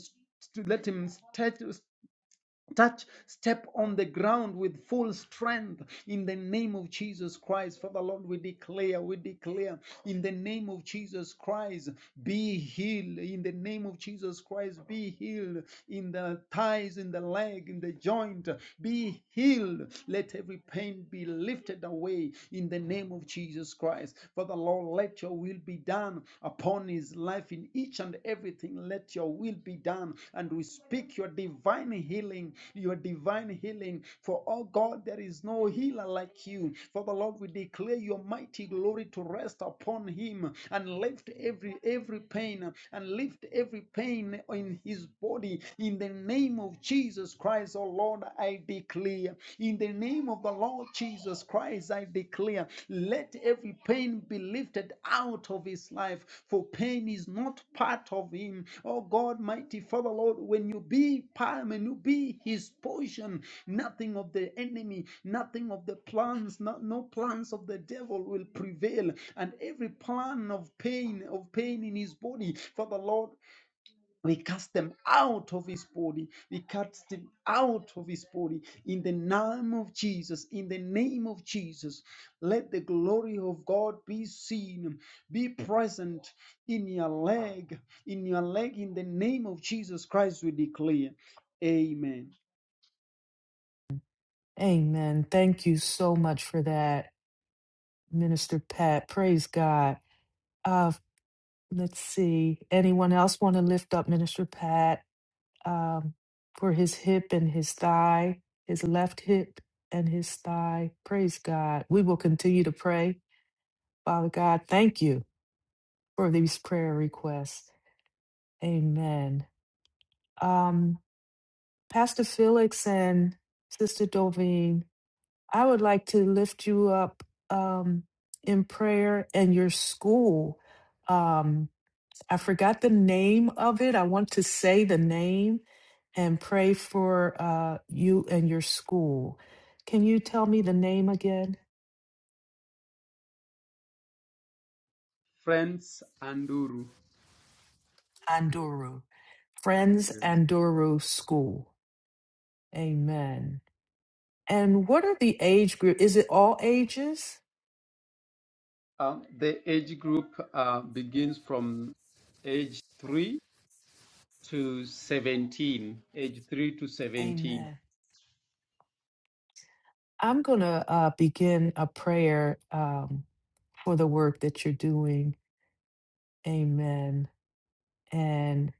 C: let him stretch, Touch, step on the ground with full strength in the name of Jesus Christ. Father Lord, we declare, we declare in the name of Jesus Christ, be healed. In the name of Jesus Christ, be healed in the thighs, in the leg, in the joint. Be healed. Let every pain be lifted away in the name of Jesus Christ. Father Lord, let your will be done upon his life in each and everything. Let your will be done. And we speak your divine healing, your divine healing. For oh God, there is no healer like you. For the Lord, we declare your mighty glory to rest upon him and lift every every pain and lift every pain in his body in the name of Jesus Christ, oh Lord. I declare in the in the name of the Lord Jesus Christ, I declare, let every pain be lifted out of his life, for pain is not part of him. Oh God, mighty Father, Lord, when you be palm and you be his portion, nothing of the enemy, nothing of the plans, no, no plans of the devil will prevail, and every plan of pain, of pain in his body, Father, Lord. We cast them out of his body. We cast them out of his body in the name of Jesus. In the name of Jesus, let the glory of God be seen, be present in your leg, in your leg. In the name of Jesus Christ, we declare, Amen.
A: Amen. Thank you so much for that. Minister Pat. Praise God. Uh, let's see. Anyone else want to lift up Minister Pat um, for his hip and his thigh, his left hip and his thigh? Praise God. We will continue to pray. Father God, thank you for these prayer requests. Amen. Um, Pastor Felix and Sister Dovine, I would like to lift you up um, in prayer and your school. Um, I forgot the name of it. I want to say the name and pray for uh, you and your school. Can you tell me the name again?
C: Friends and
A: Anduru. Friends
C: Yes.
A: Anduru School. Amen. And what are the age group? Is it all ages?
C: Um, the age group uh, begins from age three to seventeen. Age three to seventeen
A: Amen. I'm going to uh, begin a prayer um, for the work that you're doing. Amen. And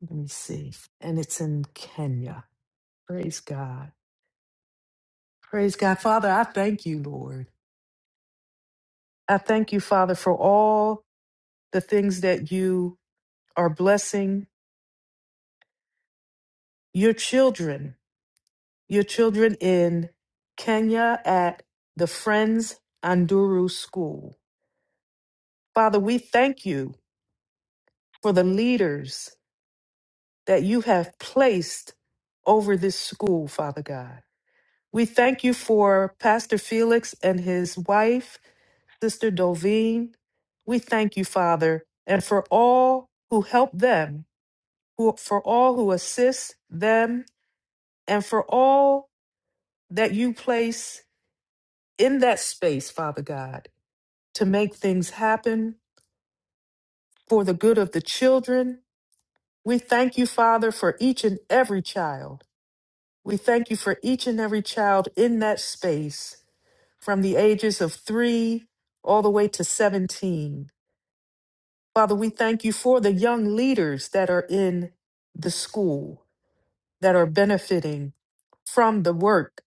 A: let me see. And it's in Kenya. Praise God. Praise God. Father, I thank you, Lord. I thank you, Father, for all the things that you are blessing your children, your children in Kenya at the Friends Anduru School. Father, we thank you for the leaders that you have placed over this school, Father God. We thank you for Pastor Felix and his wife Sister Doveen, we thank you, Father, and for all who help them, who, for all who assist them, and for all that you place in that space, Father God, to make things happen for the good of the children. We thank you, Father, for each and every child. We thank you for each and every child in that space from the ages of three all the way to 17. Father, we thank you for the young leaders that are in the school that are benefiting from the work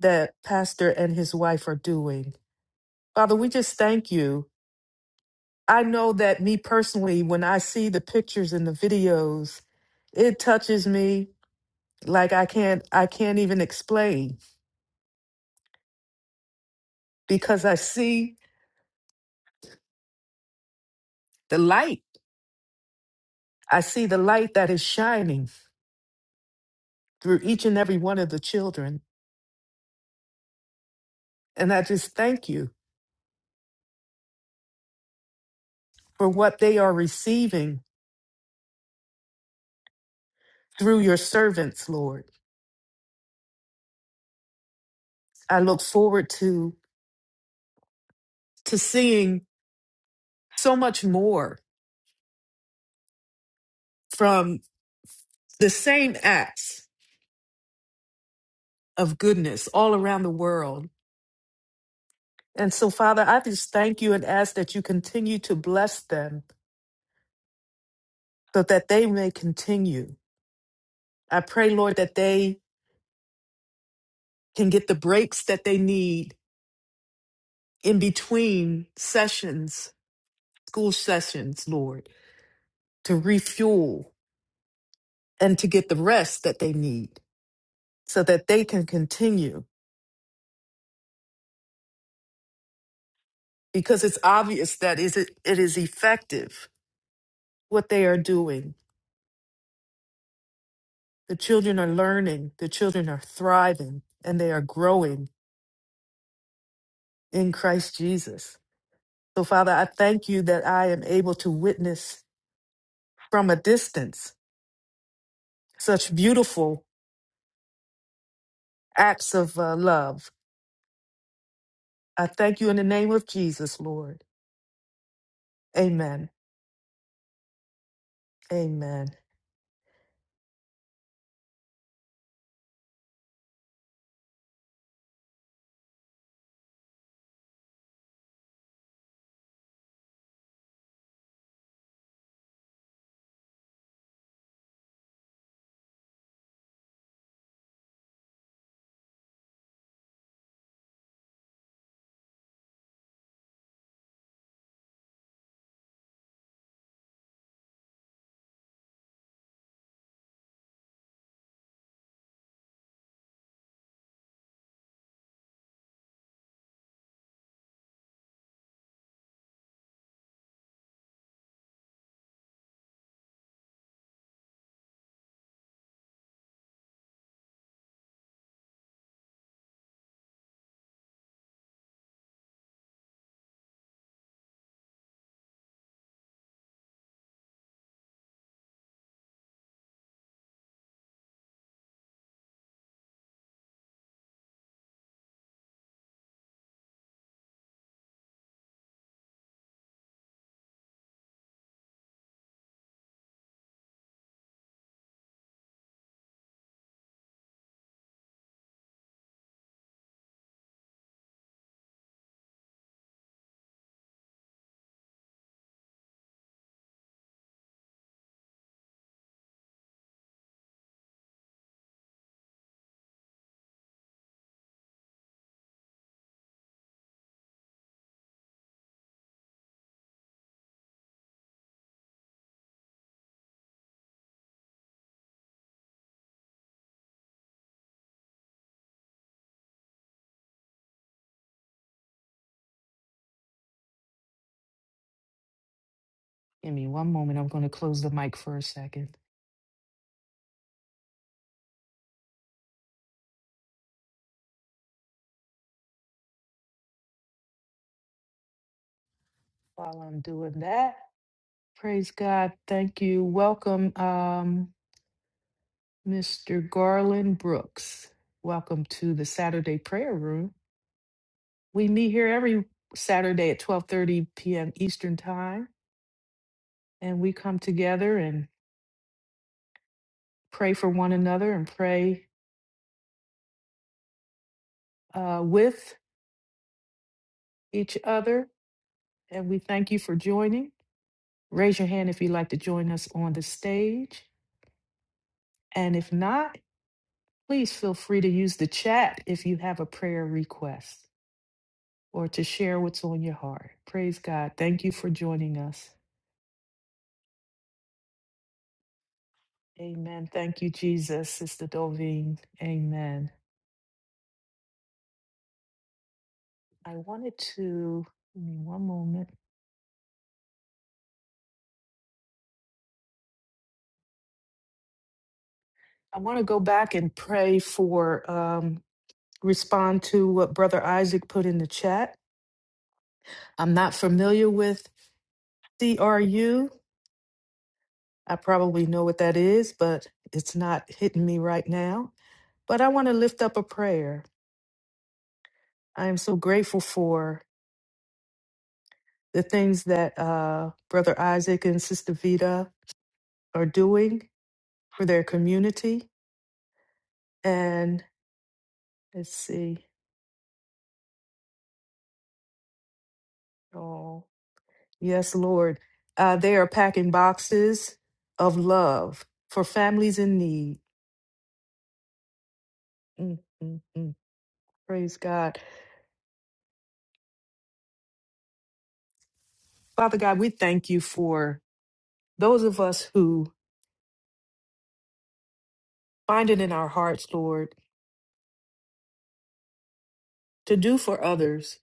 A: that Pastor and his wife are doing. Father, we just thank you. I know that me personally, when I see the pictures and the videos, it touches me like I can't I can't even explain because I see the light. I see the light that is shining through each and every one of the children. And I just thank you for what they are receiving through your servants, Lord. I look forward to to seeing so much more from the same acts of goodness all around the world. And so, Father, I just thank you and ask that you continue to bless them so that they may continue. I pray, Lord, that they can get the breaks that they need in between sessions, school sessions, Lord, to refuel and to get the rest that they need so that they can continue because it's obvious that is it, it is effective what they are doing. The children are learning, the children are thriving, and they are growing in Christ Jesus. So, Father, I thank you that I am able to witness from a distance such beautiful acts of uh, love. I thank you in the name of Jesus, Lord. Amen. Amen. Give me one moment. I'm going to close the mic for a second while I'm doing that. Praise God. Thank you. Welcome. Um, Mr. Garland Brooks. Welcome to the Saturday Prayer Room. We meet here every Saturday at 12:30 p.m. Eastern Time, and we come together and pray for one another and pray uh, with each other. And we thank you for joining. Raise your hand if you'd like to join us on the stage, and if not, please feel free to use the chat if you have a prayer request or to share what's on your heart. Praise God. Thank you for joining us. Amen. Thank you, Jesus, Sister Dolveen. Amen. I wanted to give me one moment. I want to go back and pray for um, respond to what Brother Isaac put in the chat. I'm not familiar with C R U. I probably know what that is, but it's not hitting me right now. But I want to lift up a prayer. I am so grateful for the things that uh, Brother Isaac and Sister Vita are doing for their community. and. Let's see. Oh, yes, Lord. Uh, they are packing boxes of love for families in need. Mm, mm, mm. Praise God. Father God, we thank you for those of us who find it in our hearts, Lord, to do for others,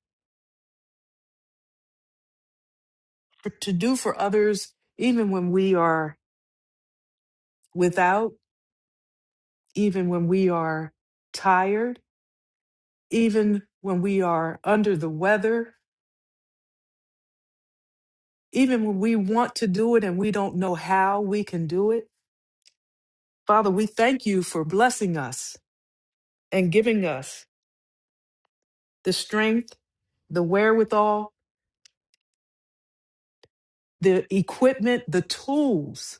A: for, to do for others, even when we are without, even when we are tired, even when we are under the weather, even when we want to do it and we don't know how we can do it. Father, we thank you for blessing us and giving us the strength, the wherewithal, the equipment, the tools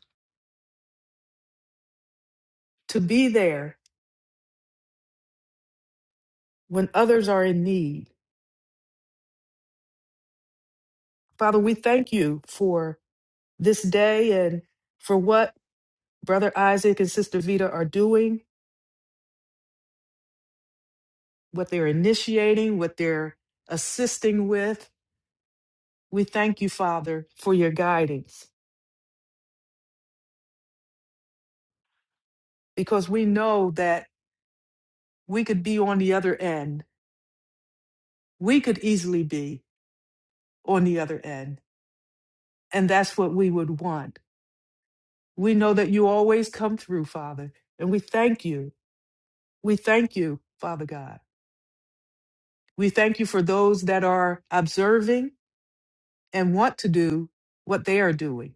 A: to be there when others are in need. Father, we thank you for this day and for what Brother Isaac and Sister Vita are doing, what they're initiating, what they're assisting with. We thank you, Father, for your guidance because we know that we could be on the other end. We could easily be. on the other end. And that's what we would want. We know that you always come through, Father, and we thank you. We thank you, Father God. We thank you for those that are observing and want to do what they are doing,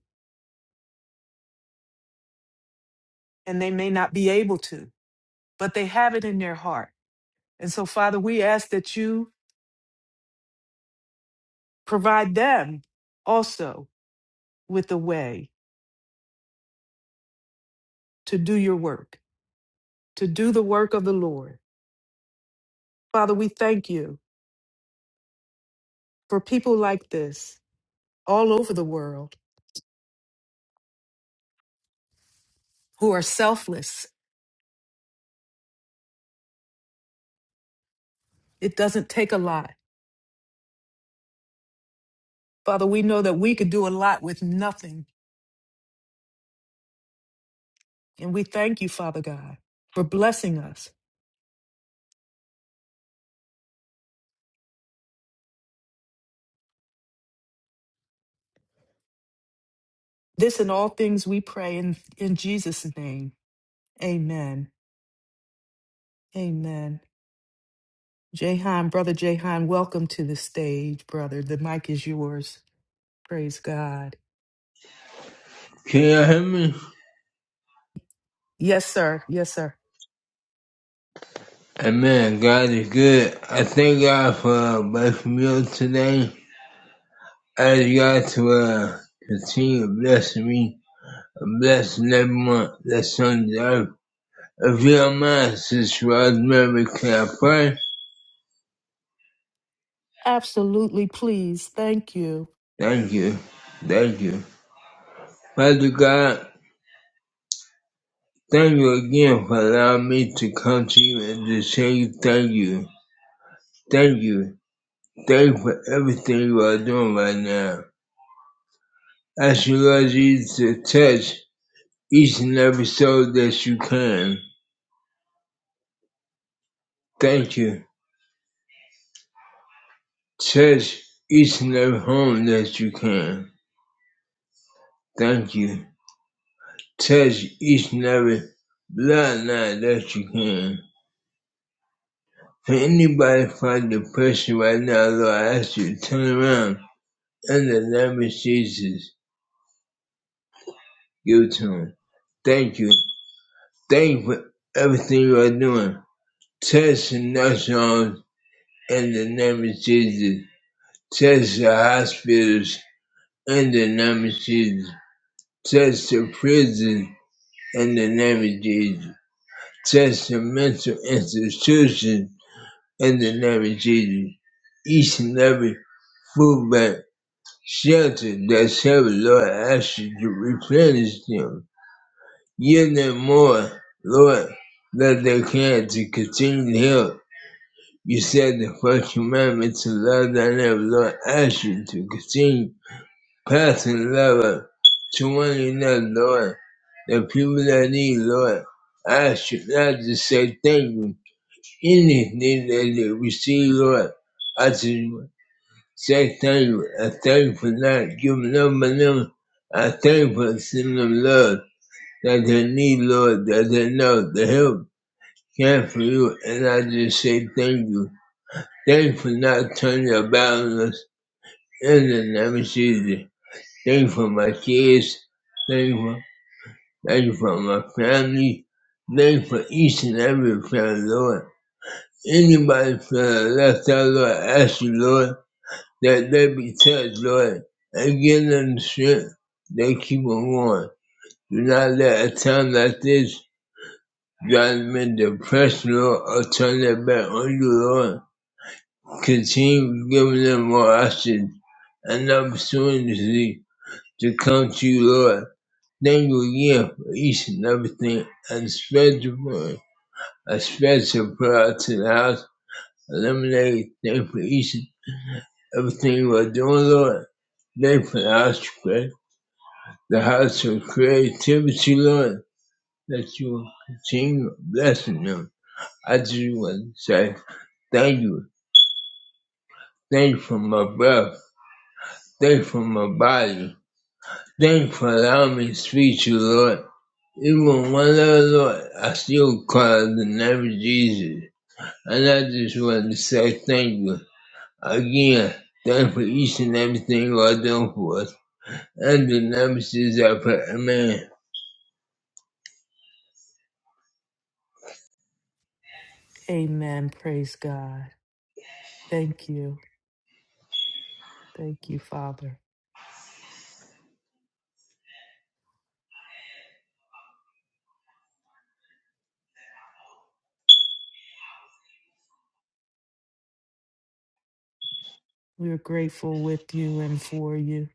A: and they may not be able to, but they have it in their heart. And so, Father, we ask that you provide them also with a way to do your work, to do the work of the Lord. Father, we thank you for people like this all over the world who are selfless. It doesn't take a lot. Father, we know that we could do a lot with nothing. And we thank you, Father God, for blessing us. This and all things we pray in, in Jesus' name. Amen. Amen. Jahan, Brother Jahan, welcome to the stage, brother. The mic is yours. Praise God.
G: Can you hear me?
A: Yes, sir. Yes, sir.
G: Amen. God is good. I thank God for uh, blessing meal today. I ask God to uh, continue blessing me and blessing everyone that's on the earth. If you don't mind, Sister Rosemary, can I pray?
A: Absolutely, please. Thank you.
G: Thank you. Thank you. Father God, thank you again for allowing me to come to you and to say you thank you. Thank you. Thank you for everything you are doing right now. I Ask you, Lord Jesus, to touch each and every soul that you can. Thank you. Touch each and every home that you can. Thank you. Touch each and every bloodline that you can. For anybody fighting depression right now, Lord, I ask you to turn around and the name of Jesus. Give it to them. Thank you. Thank you for everything you are doing. Touch the nursing homes in the name of Jesus. Touch the hospitals in the name of Jesus. Touch the prison in the name of Jesus. Touch the mental institution in the name of Jesus. Each and every food bank, shelter that heaven, Lord, I ask you to replenish them. Give them more, Lord, that they can to continue to help. You said the first commandment to love thy neighbor, Lord, I ask you to continue Passing level to one another, Lord. The people that need, Lord. I should not just say thank you. Anything that they receive, Lord. I just say thank you. I thank you for not giving up on them. I thank you for sending them love that they need, Lord, that they know the help came for you. And I just say thank you. Thank you for not turning your back on us in the name of Jesus. Thank you for my kids. Thank you Thank you for my family. Thank you for each and every friend, Lord. Anybody feeling left out, Lord, ask you, Lord, that they be touched, Lord, and give them the strength. They keep on going. Do not let a time like this drive them in depression, Lord, or turn their back on you, Lord. Continue giving them more options and opportunity to come to you, Lord. Thank you again for each and everything and special for a special prayer to the house. Eliminate them for each and everything we're doing, Lord. Thank you for the house you create, the house of creativity, Lord, that you will continue blessing them. I just want to say thank you. Thank you for my breath. Thank you for my body. Thank you for allowing me to speak to you, Lord. Even one little Lord, I still call the name of Jesus. And I just want to say thank you. Again, thank for each and everything you are doing for us. And the nemesis I put a man
A: Amen. Praise God. Thank you. Thank you, Father. We're grateful with you and for you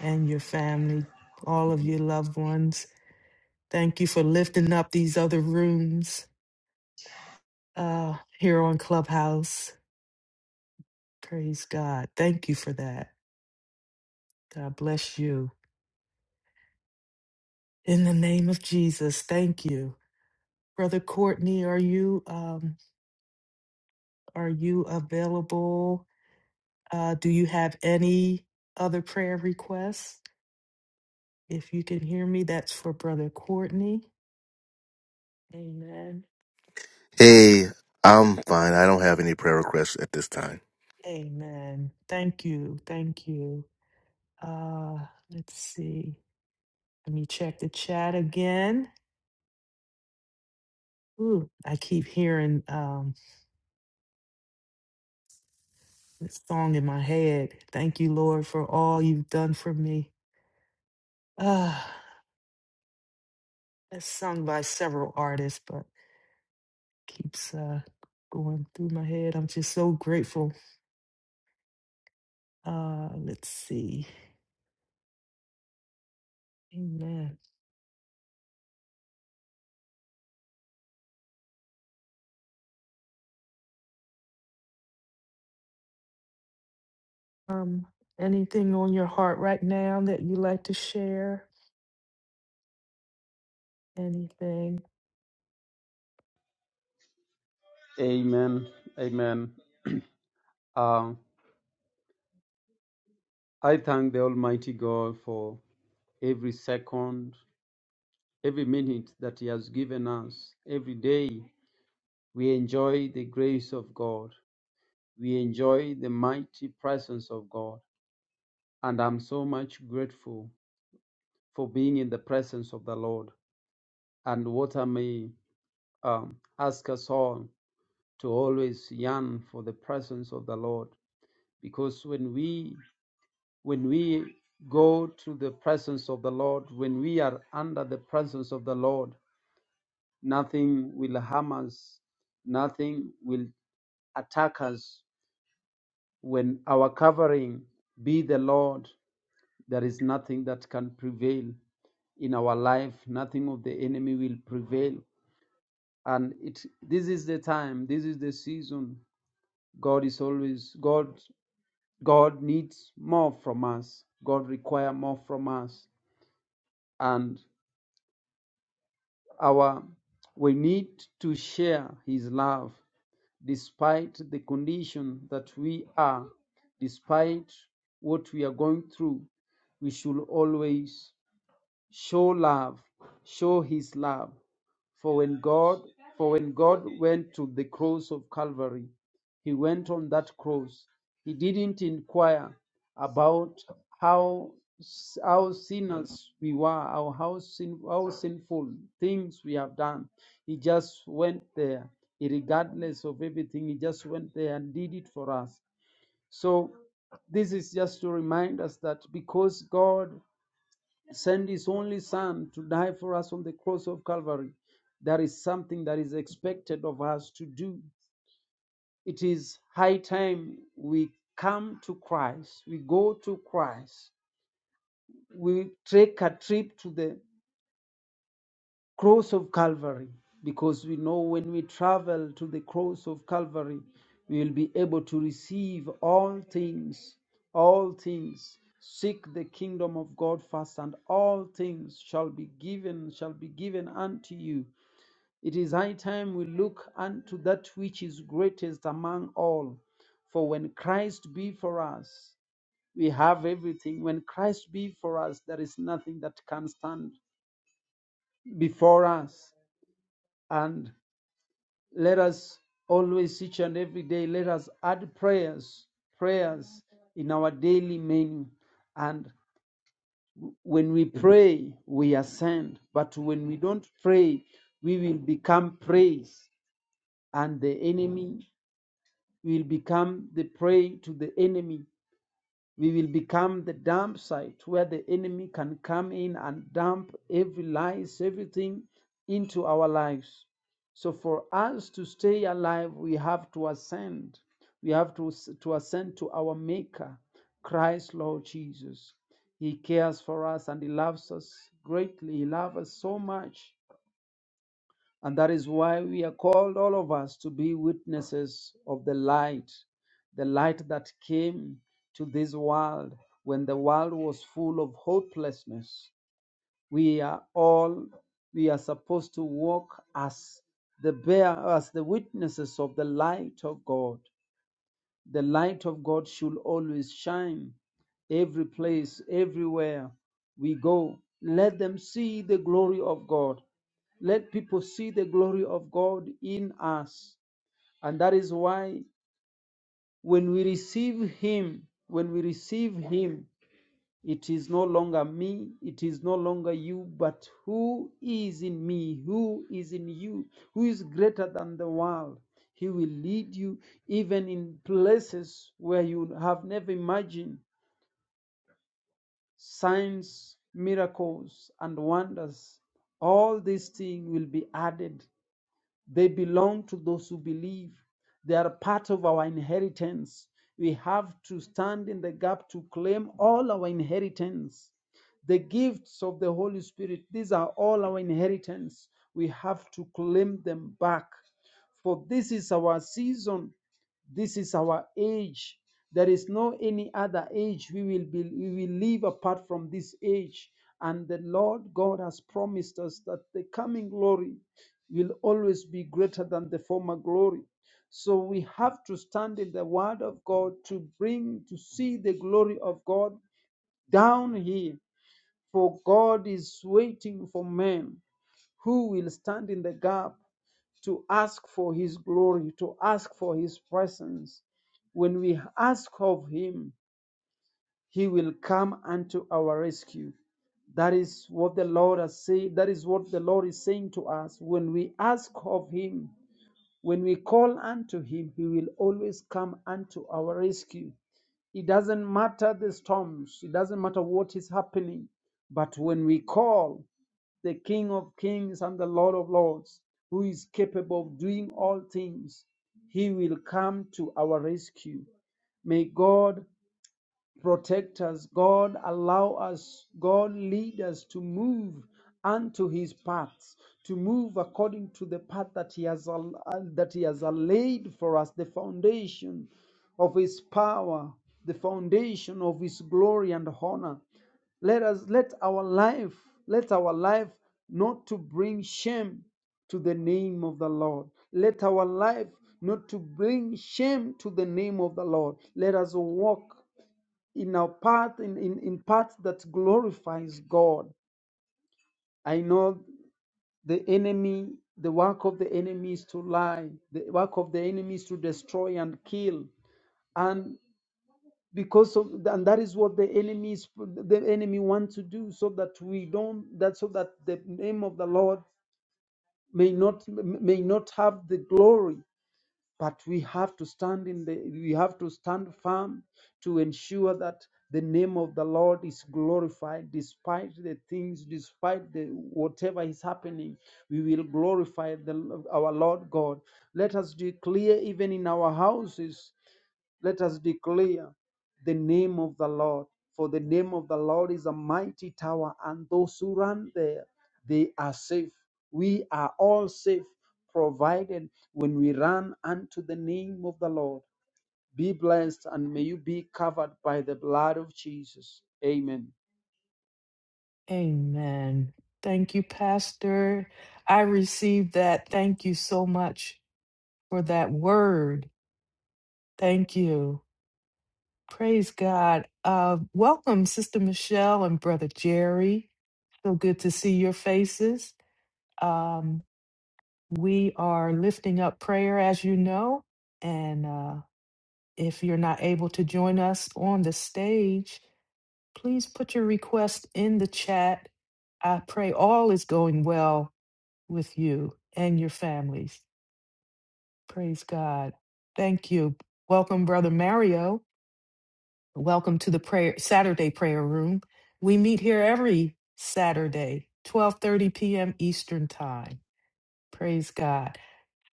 A: and your family, all of your loved ones. Thank you for lifting up these other rooms uh, here on Clubhouse. Praise God. Thank you for that. God bless you. In the name of Jesus, thank you. Brother Courtney, are you um, are you available? Uh, do you have any other prayer requests? If you can hear me, that's for Brother Courtney. Amen.
D: Hey, I'm fine. I don't have any prayer requests at this time.
A: Amen. Thank you. Thank you. Uh, let's see. Let me check the chat again. Ooh, I keep hearing um, this song in my head. Thank you, Lord, for all you've done for me. Ah, it's sung by several artists, but keeps uh, going through my head. I'm just so grateful. Uh, let's see. Amen. Um, anything on your heart right now that you like to share? Anything?
C: Amen. Amen. Um, I thank the Almighty God for every second, every minute that He has given us. Every day we enjoy the grace of God, we enjoy the mighty presence of God. And I'm so much grateful for being in the presence of the Lord. And what I may um, ask us all to always yearn for the presence of the Lord, because when we when we go to the presence of the Lord, when we are under the presence of the Lord, nothing will harm us, nothing will attack us. When our covering be the Lord, there is nothing that can prevail in our life, nothing of the enemy will prevail. And it this is the time, this is the season. God is always God God needs more from us. God require more from us. And Our we need to share his love despite the condition that we are, despite what we are going through. We should always show love, show his love. For when God for when God went to the cross of Calvary, he went on that cross. He didn't inquire about how s- how sinners we were, or how sin how sinful things we have done. He just went there, regardless of everything. He just went there and did it for us. So this is just to remind us that because God send his only son to die for us on the cross of Calvary. That is something that is expected of us to do. It is high time we come to Christ, we go to Christ, we take a trip to the cross of Calvary, because we know when we travel to the cross of Calvary, we will be able to receive all things, all things. Seek the kingdom of God first, and all things shall be given, shall be given unto you. It is high time we look unto that which is greatest among all. For when Christ be for us, we have everything. When Christ be for us, there is nothing that can stand before us. And Let us always, each and every day, let us add prayers, prayers in our daily menu. And when we pray, we ascend. But when we don't pray, we will become prey, and the enemy will become the prey to the enemy. We will become the dump site where the enemy can come in and dump every lies, everything into our lives. So for us to stay alive, we have to ascend. We have to, to ascend to our Maker, Christ Lord Jesus. He cares for us and He loves us greatly. He loves us so much and that is why we are called, all of us, to be witnesses of the light, the light that came to this world when the world was full of hopelessness. We are all, we are supposed to walk as the bear, as the witnesses of the light of God. The light of God should always shine every place, everywhere we go. Let them see the glory of God. Let people see the glory of God in us. And that is why when we receive Him, when we receive Him, it is no longer me, it is no longer you, but who is in me, who is in you, who is greater than the world. He will lead you even in places where you have never imagined signs, miracles, and wonders. All these things will be added they belong to those who believe. They are part of our inheritance. We have to stand in the gap to claim all our inheritance. The gifts of the Holy Spirit, these are all our inheritance. We have to claim them back. For this is our season, this is our age. There is no any other age we will be we will live apart from this age. And the Lord God has promised us that the coming glory will always be greater than the former glory. So we have to stand in the word of God to bring, to see the glory of God down here. For God is waiting for men who will stand in the gap to ask for his glory, to ask for his presence. When we ask of him, he will come unto our rescue. That is what the Lord has said. That is what the Lord is saying to us. When we ask of Him, when we call unto him, he will always come unto our rescue. It doesn't matter the storms, it doesn't matter what is happening, but when we call the King of kings and the Lord of lords, who is capable of doing all things, he will come to our rescue. May God protect us. God, allow us. God, lead us to move unto his paths, to move according to the path that he has, al- uh, that he has laid for us, the foundation of his power, the foundation of his glory and honor. Let us let our life, let our life not to bring shame to the name of the Lord. Let our life not to bring shame to the name of the Lord. Let us walk in our path in, in, in path that glorifies god i know the enemy the work of the enemy is to lie the work of the enemy is to destroy and kill and because of and that is what the enemy is the enemy wants to do so that we don't that so that the name of the lord may not may not have the glory but we have to stand in the we have to stand firm to ensure that the name of the lord is glorified despite the things despite the whatever is happening we will glorify the, our lord god let us declare even in our houses let us declare the name of the lord for the name of the lord is a mighty tower and those who run there they are safe. We are all safe, provided when we run unto the name of the Lord. Be blessed and may you be covered by the blood of Jesus. Amen.
A: Amen. Thank you, Pastor. I received that. Thank you so much for that word. Thank you. Praise God. Uh, welcome, Sister Michelle and Brother Jerry. So good to see your faces. Um, we are lifting up prayer, as you know. And uh, if you're not able to join us on the stage, please put your request in the chat. I pray all is going well with you and your families. Praise God. Thank you. Welcome, Brother Mario. Welcome to the prayer Saturday prayer room. We meet here every Saturday, 12:30 p.m. Eastern Time. Praise God.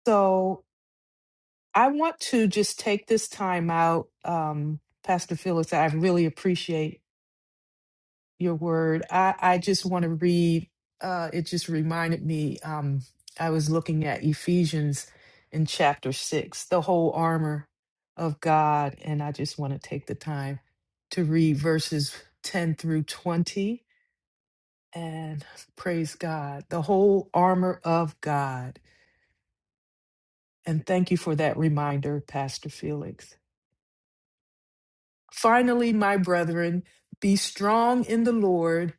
A: So I want to just take this time out. Um, Pastor Felix, I really appreciate your word. I, I just want to read, uh, it just reminded me, um, I was looking at Ephesians in chapter six, the whole armor of God. And I just want to take the time to read verses 10 through 20. And praise God, the whole armor of God. And thank you for that reminder, Pastor Felix. Finally, my brethren, be strong in the Lord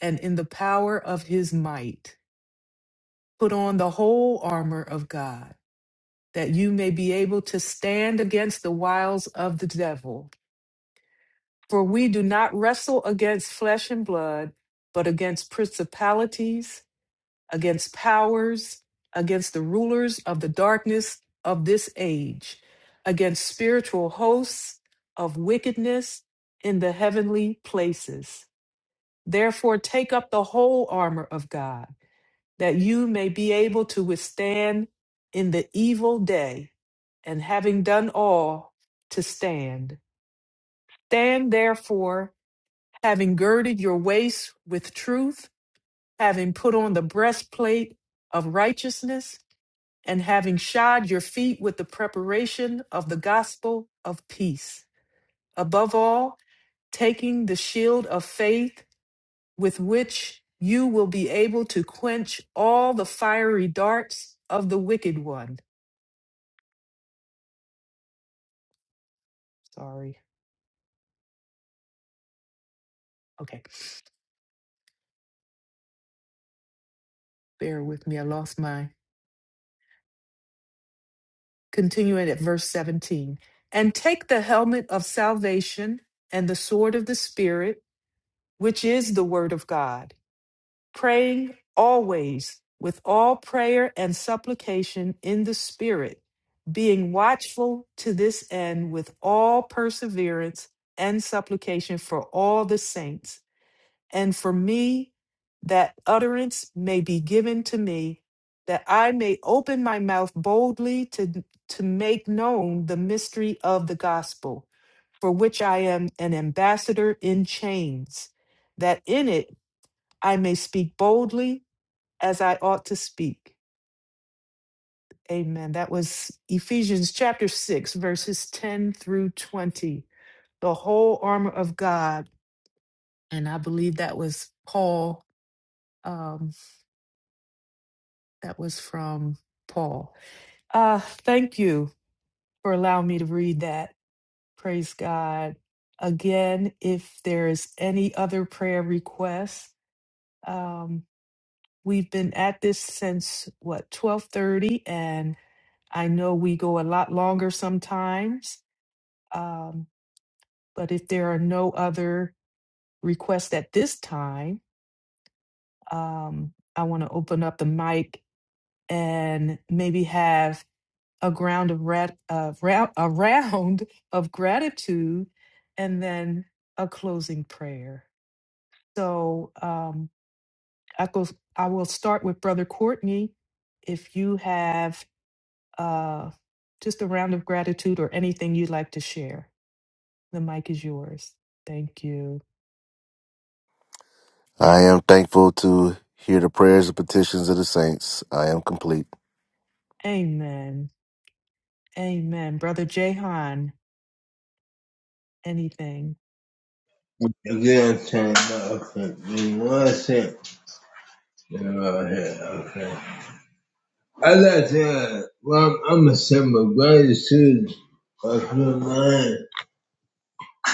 A: and in the power of his might Put on the whole armor of God, that you may be able to stand against the wiles of the devil. For we do not wrestle against flesh and blood, but against principalities, against powers, against the rulers of the darkness of this age, against spiritual hosts of wickedness in the heavenly places. Therefore, take up the whole armor of God that you may be able to withstand in the evil day, and having done all, to stand. Stand therefore, having girded your waist with truth, having put on the breastplate of righteousness, and having shod your feet with the preparation of the gospel of peace. Above all, taking the shield of faith with which you will be able to quench all the fiery darts of the wicked one Sorry. Okay. Bear with me. I lost my. Continuing at verse 17. And take the helmet of salvation and the sword of the Spirit, which is the word of God, praying always with all prayer and supplication in the Spirit, being watchful to this end with all perseverance and supplication for all the saints and for me that utterance may be given to me, that I may open my mouth boldly to, to make known the mystery of the gospel, for which I am an ambassador in chains, that in it I may speak boldly as I ought to speak. Amen. That was Ephesians chapter 6, verses 10 through 20, the whole armor of God. And I believe that was Paul. um, That was from Paul. Uh, thank you for allowing me to read that. Praise God. Again, if there is any other prayer requests, um, we've been at this since what twelve thirty, and I know we go a lot longer sometimes. Um, but if there are no other requests at this time, um, I want to open up the mic and maybe have a ground of rat of ra- a round of gratitude and then a closing prayer so um i go i will start with brother courtney if you have uh just a round of gratitude or anything you'd like to share the mic is yours thank you
D: I am thankful to hear the prayers and petitions of the saints. I am complete.
A: amen amen brother jehan anything
G: Again, turn it off. Give me One second. Right here, okay. I like to, uh, well, I'm a simple gratitude. If you mind,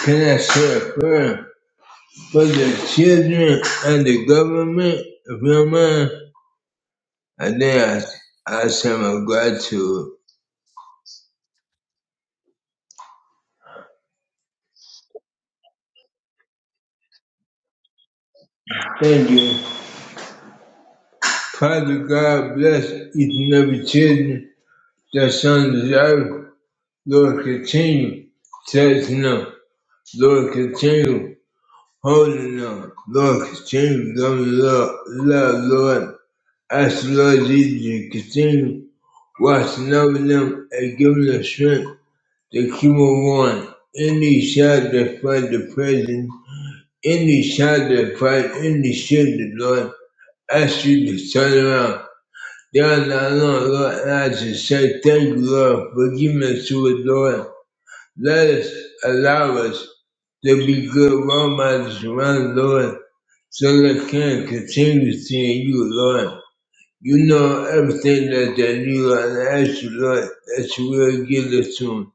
G: can I say a prayer for the children and the government? If you mind, and then I, I say my gratitude. Thank you. Father God bless each and every children The sun deserves, Lord, continue touching them. Lord, continue holding them. Lord, continue loving love, love, Lord. Ask the Lord Jesus to continue watching over them and giving them strength to keep on going. Any shot that fight the prison, any shot that fight any shifted, Lord, ask you to turn around. Down, I know Lord, and I just say thank you, Lord, for giving us to it, Lord. Let us allow us to be good role models around Lord so they can continue seeing you, Lord. You know everything that they need, Lord. I ask you, Lord, that you will give it to them.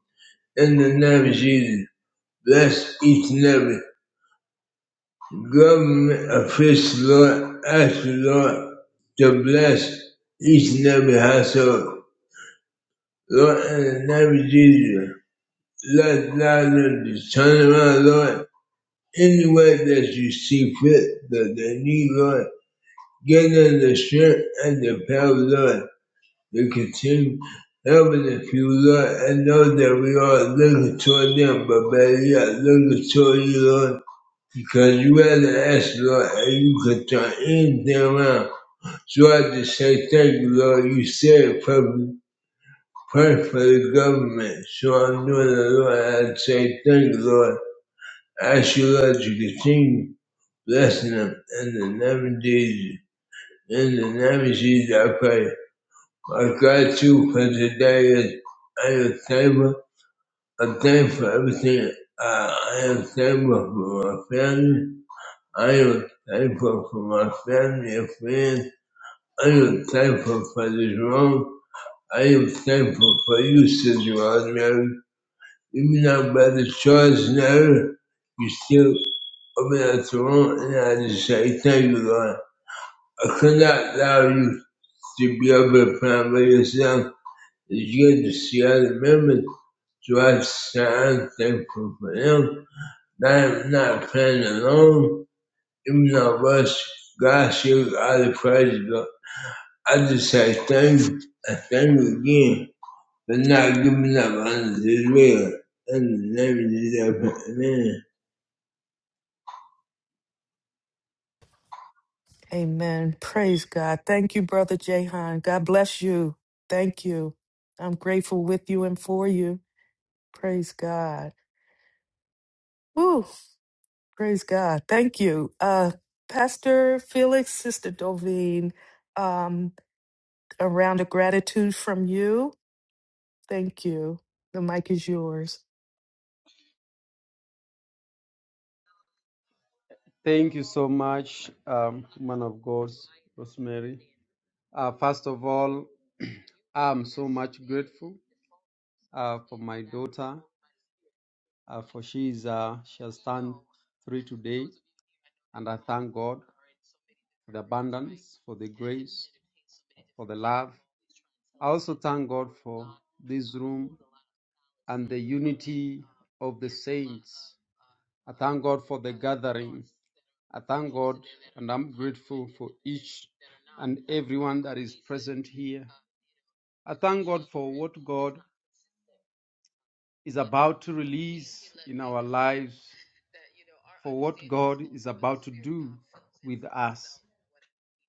G: In the name of Jesus, bless each and every government official, Lord. I ask you, Lord, to bless each and every household. Lord, in the name of Jesus, let God to turn around, Lord any way that you see fit, that they need, Lord. Give them the strength and the power, Lord, to continue helping the people, Lord, and know that we are looking toward them, but better yet, looking toward you, Lord, because you had to ask, Lord, and you can turn anything around. So I just say thank you, Lord. You said perfect, perfect for the government. So I'm doing it, Lord. I say thank you, Lord. I ask you, Lord, to continue. Blessing them in the name of Jesus. In the name of Jesus, I pray. My gratitude for today is I am thankful. I'm thankful for everything. Uh, I am thankful for my family. I am thankful for my family and friends. I am thankful for this room. I am thankful for you, Sister Rosemary. Even though by the choice now, you still open up the room, and I just say thank you, Lord. I could not allow you To build a family yourself is good to see other members. So I said, thankful for them. I'm not playing alone. Even though I was, God shoot other praise, but I just say thank you. I thank you again for not giving up on this will. In the name of Jesus, amen.
A: Amen. Praise God. Thank you, Brother Jahan. God bless you. Thank you. I'm grateful with you and for you. Praise God. Woo. Praise God. Thank you. Uh, Pastor Felix, Sister Dovine, um, a round of gratitude from you. Thank you. The mic is yours.
C: Thank you so much, um, man of God, Rosemary. Uh, first of all, I'm so much grateful uh, for my daughter, uh, for she is uh, she has turned three today, and I thank God for the abundance, for the grace, for the love. I also thank God for this room and the unity of the saints. I thank God for the gathering. I thank God and I'm grateful for each and everyone that is present here. I thank God for what God is about to release in our lives, for what God is about to do with us.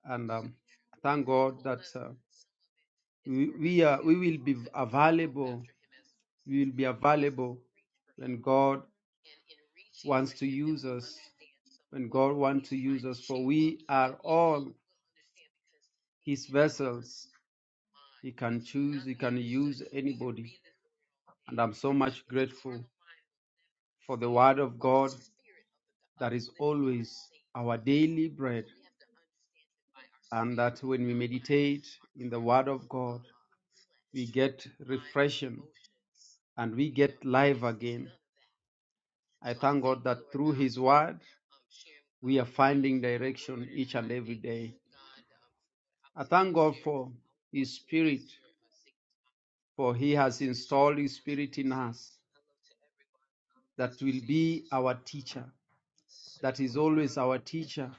C: And um, I thank God that uh, we, we, are, we will be available we will be available when God wants to use us, when God wants to use us, for we are all His vessels. He can choose, He can use anybody. And I'm so much grateful for the Word of God that is always our daily bread, and that when we meditate in the Word of God, we get refreshing and we get life again. I thank God that through His Word, we are finding direction each and every day. I thank God for His Spirit, for He has installed His Spirit in us that will be our teacher, that is always our teacher,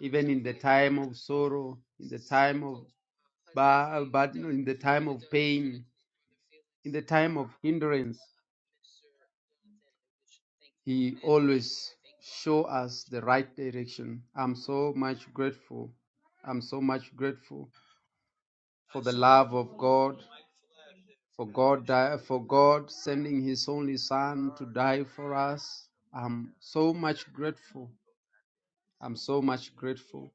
C: even in the time of sorrow, in the time of but in the time of pain, in the time of hindrance. He always show us the right direction. I'm so much grateful. I'm so much grateful for the love of God For God, di- for God sending His only Son to die for us, I'm so much grateful. I'm so much grateful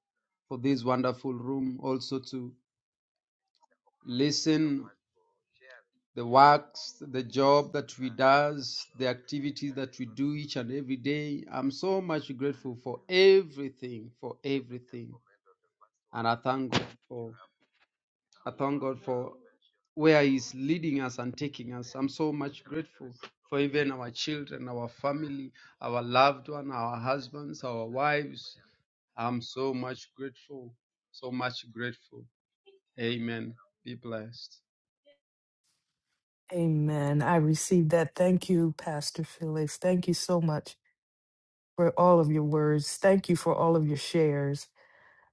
C: for this wonderful room. Also to listen the works, the job that we does, the activities that we do each and every day. I'm so much grateful for everything, for everything, and I thank God for I thank God for where He's leading us and taking us. I'm so much grateful for even our children, our family, our loved one, our husbands, our wives. I'm so much grateful, so much grateful. Amen. Be blessed.
A: Amen. I received that. Thank you, Pastor Felix. Thank you so much for all of your words. Thank you for all of your shares.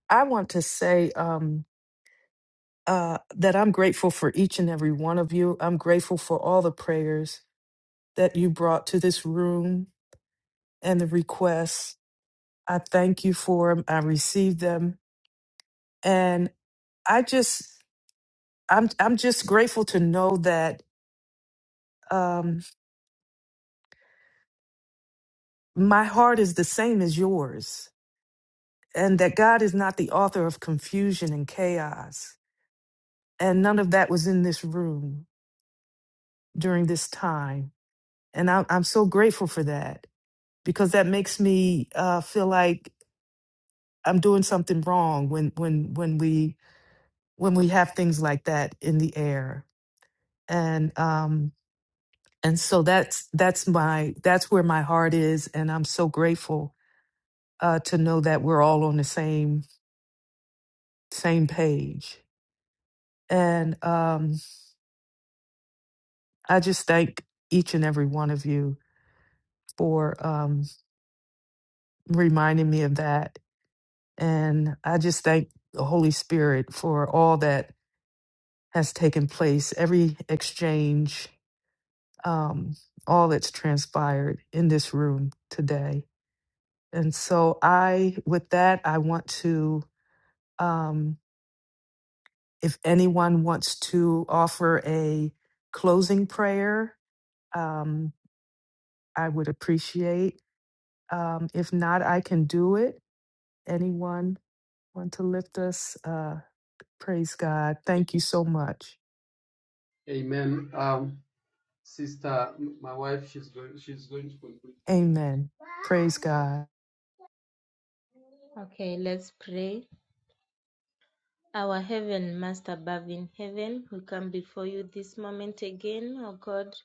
A: I want to say, um. uh, that I'm grateful for each and every one of you. I'm grateful for all the prayers that you brought to this room and the requests. I thank you for them. I received them, and I just I'm I'm just grateful to know that um, my heart is the same as yours, and that God is not the author of confusion and chaos, and none of that was in this room during this time, and I, I'm so grateful for that. because that makes me uh, feel like I'm doing something wrong when when when we when we have things like that in the air and um and so that's that's my that's where my heart is and I'm so grateful uh, to know that we're all on the same same page and um I just thank each and every one of you for um reminding me of that and I just thank the Holy Spirit for all that has taken place, every exchange, um, all that's transpired in this room today. And so, I, with that, I want to, um, if anyone wants to offer a closing prayer, um, I would appreciate. Um, if not, I can do it. Anyone want to lift us? Uh, praise God. Thank you so much.
C: Amen. Um, sister, m- my wife, she's going, she's going to conclude.
A: Amen. Praise God.
C: Okay, let's pray. Our Heaven, Master above in heaven, we come before you this moment again, O God.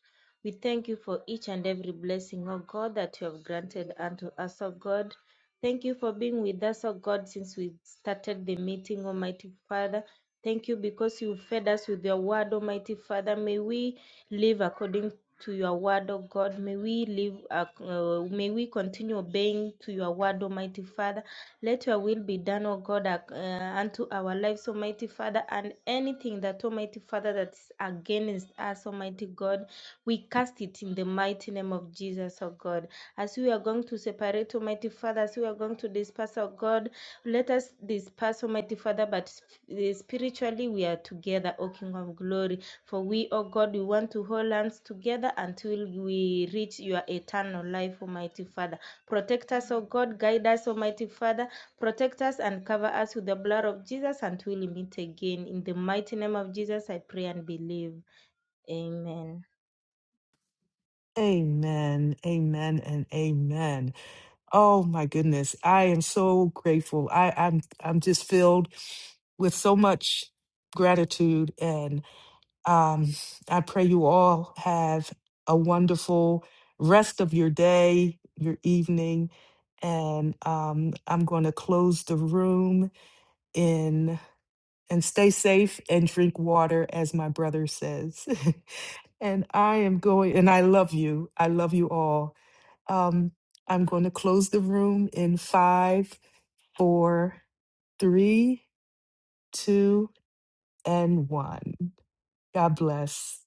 C: We thank you for each and every blessing, O God, that you have granted unto us, O God. Thank you for being with us, O God, since we started the meeting, Almighty Father. Thank you because you fed us with your word, Almighty Father. May we live according to your word, O God. May we live, ac- uh, may we continue obeying to your word, Almighty Father. Let your will be done, O God, uh, unto our lives, Almighty Father, and anything that, Almighty Father, that's against us, Almighty God, we cast it in the mighty name of Jesus, O God. As we are going to separate, Almighty Father, as we are going to disperse, O God, let us disperse, Almighty Father, but sp- uh, spiritually we are together, O King of Glory. For we, O God, we want to hold hands together until we reach your eternal life, Almighty Father. Protect us, O God. Guide us, Almighty Father Protect us and cover us with the blood of Jesus until we meet again. In the mighty name of Jesus, I pray and believe. Amen.
A: Amen, amen, and amen. Oh my goodness, I am so grateful. I, I'm I'm just filled with so much gratitude, and um, I pray you all have a wonderful rest of your day, your evening, and um, I'm going to close the room in and stay safe and drink water, as my brother says. and I am going, and I love you. I love you all um, I'm going to close the room in five, four, three, two, and one. God bless.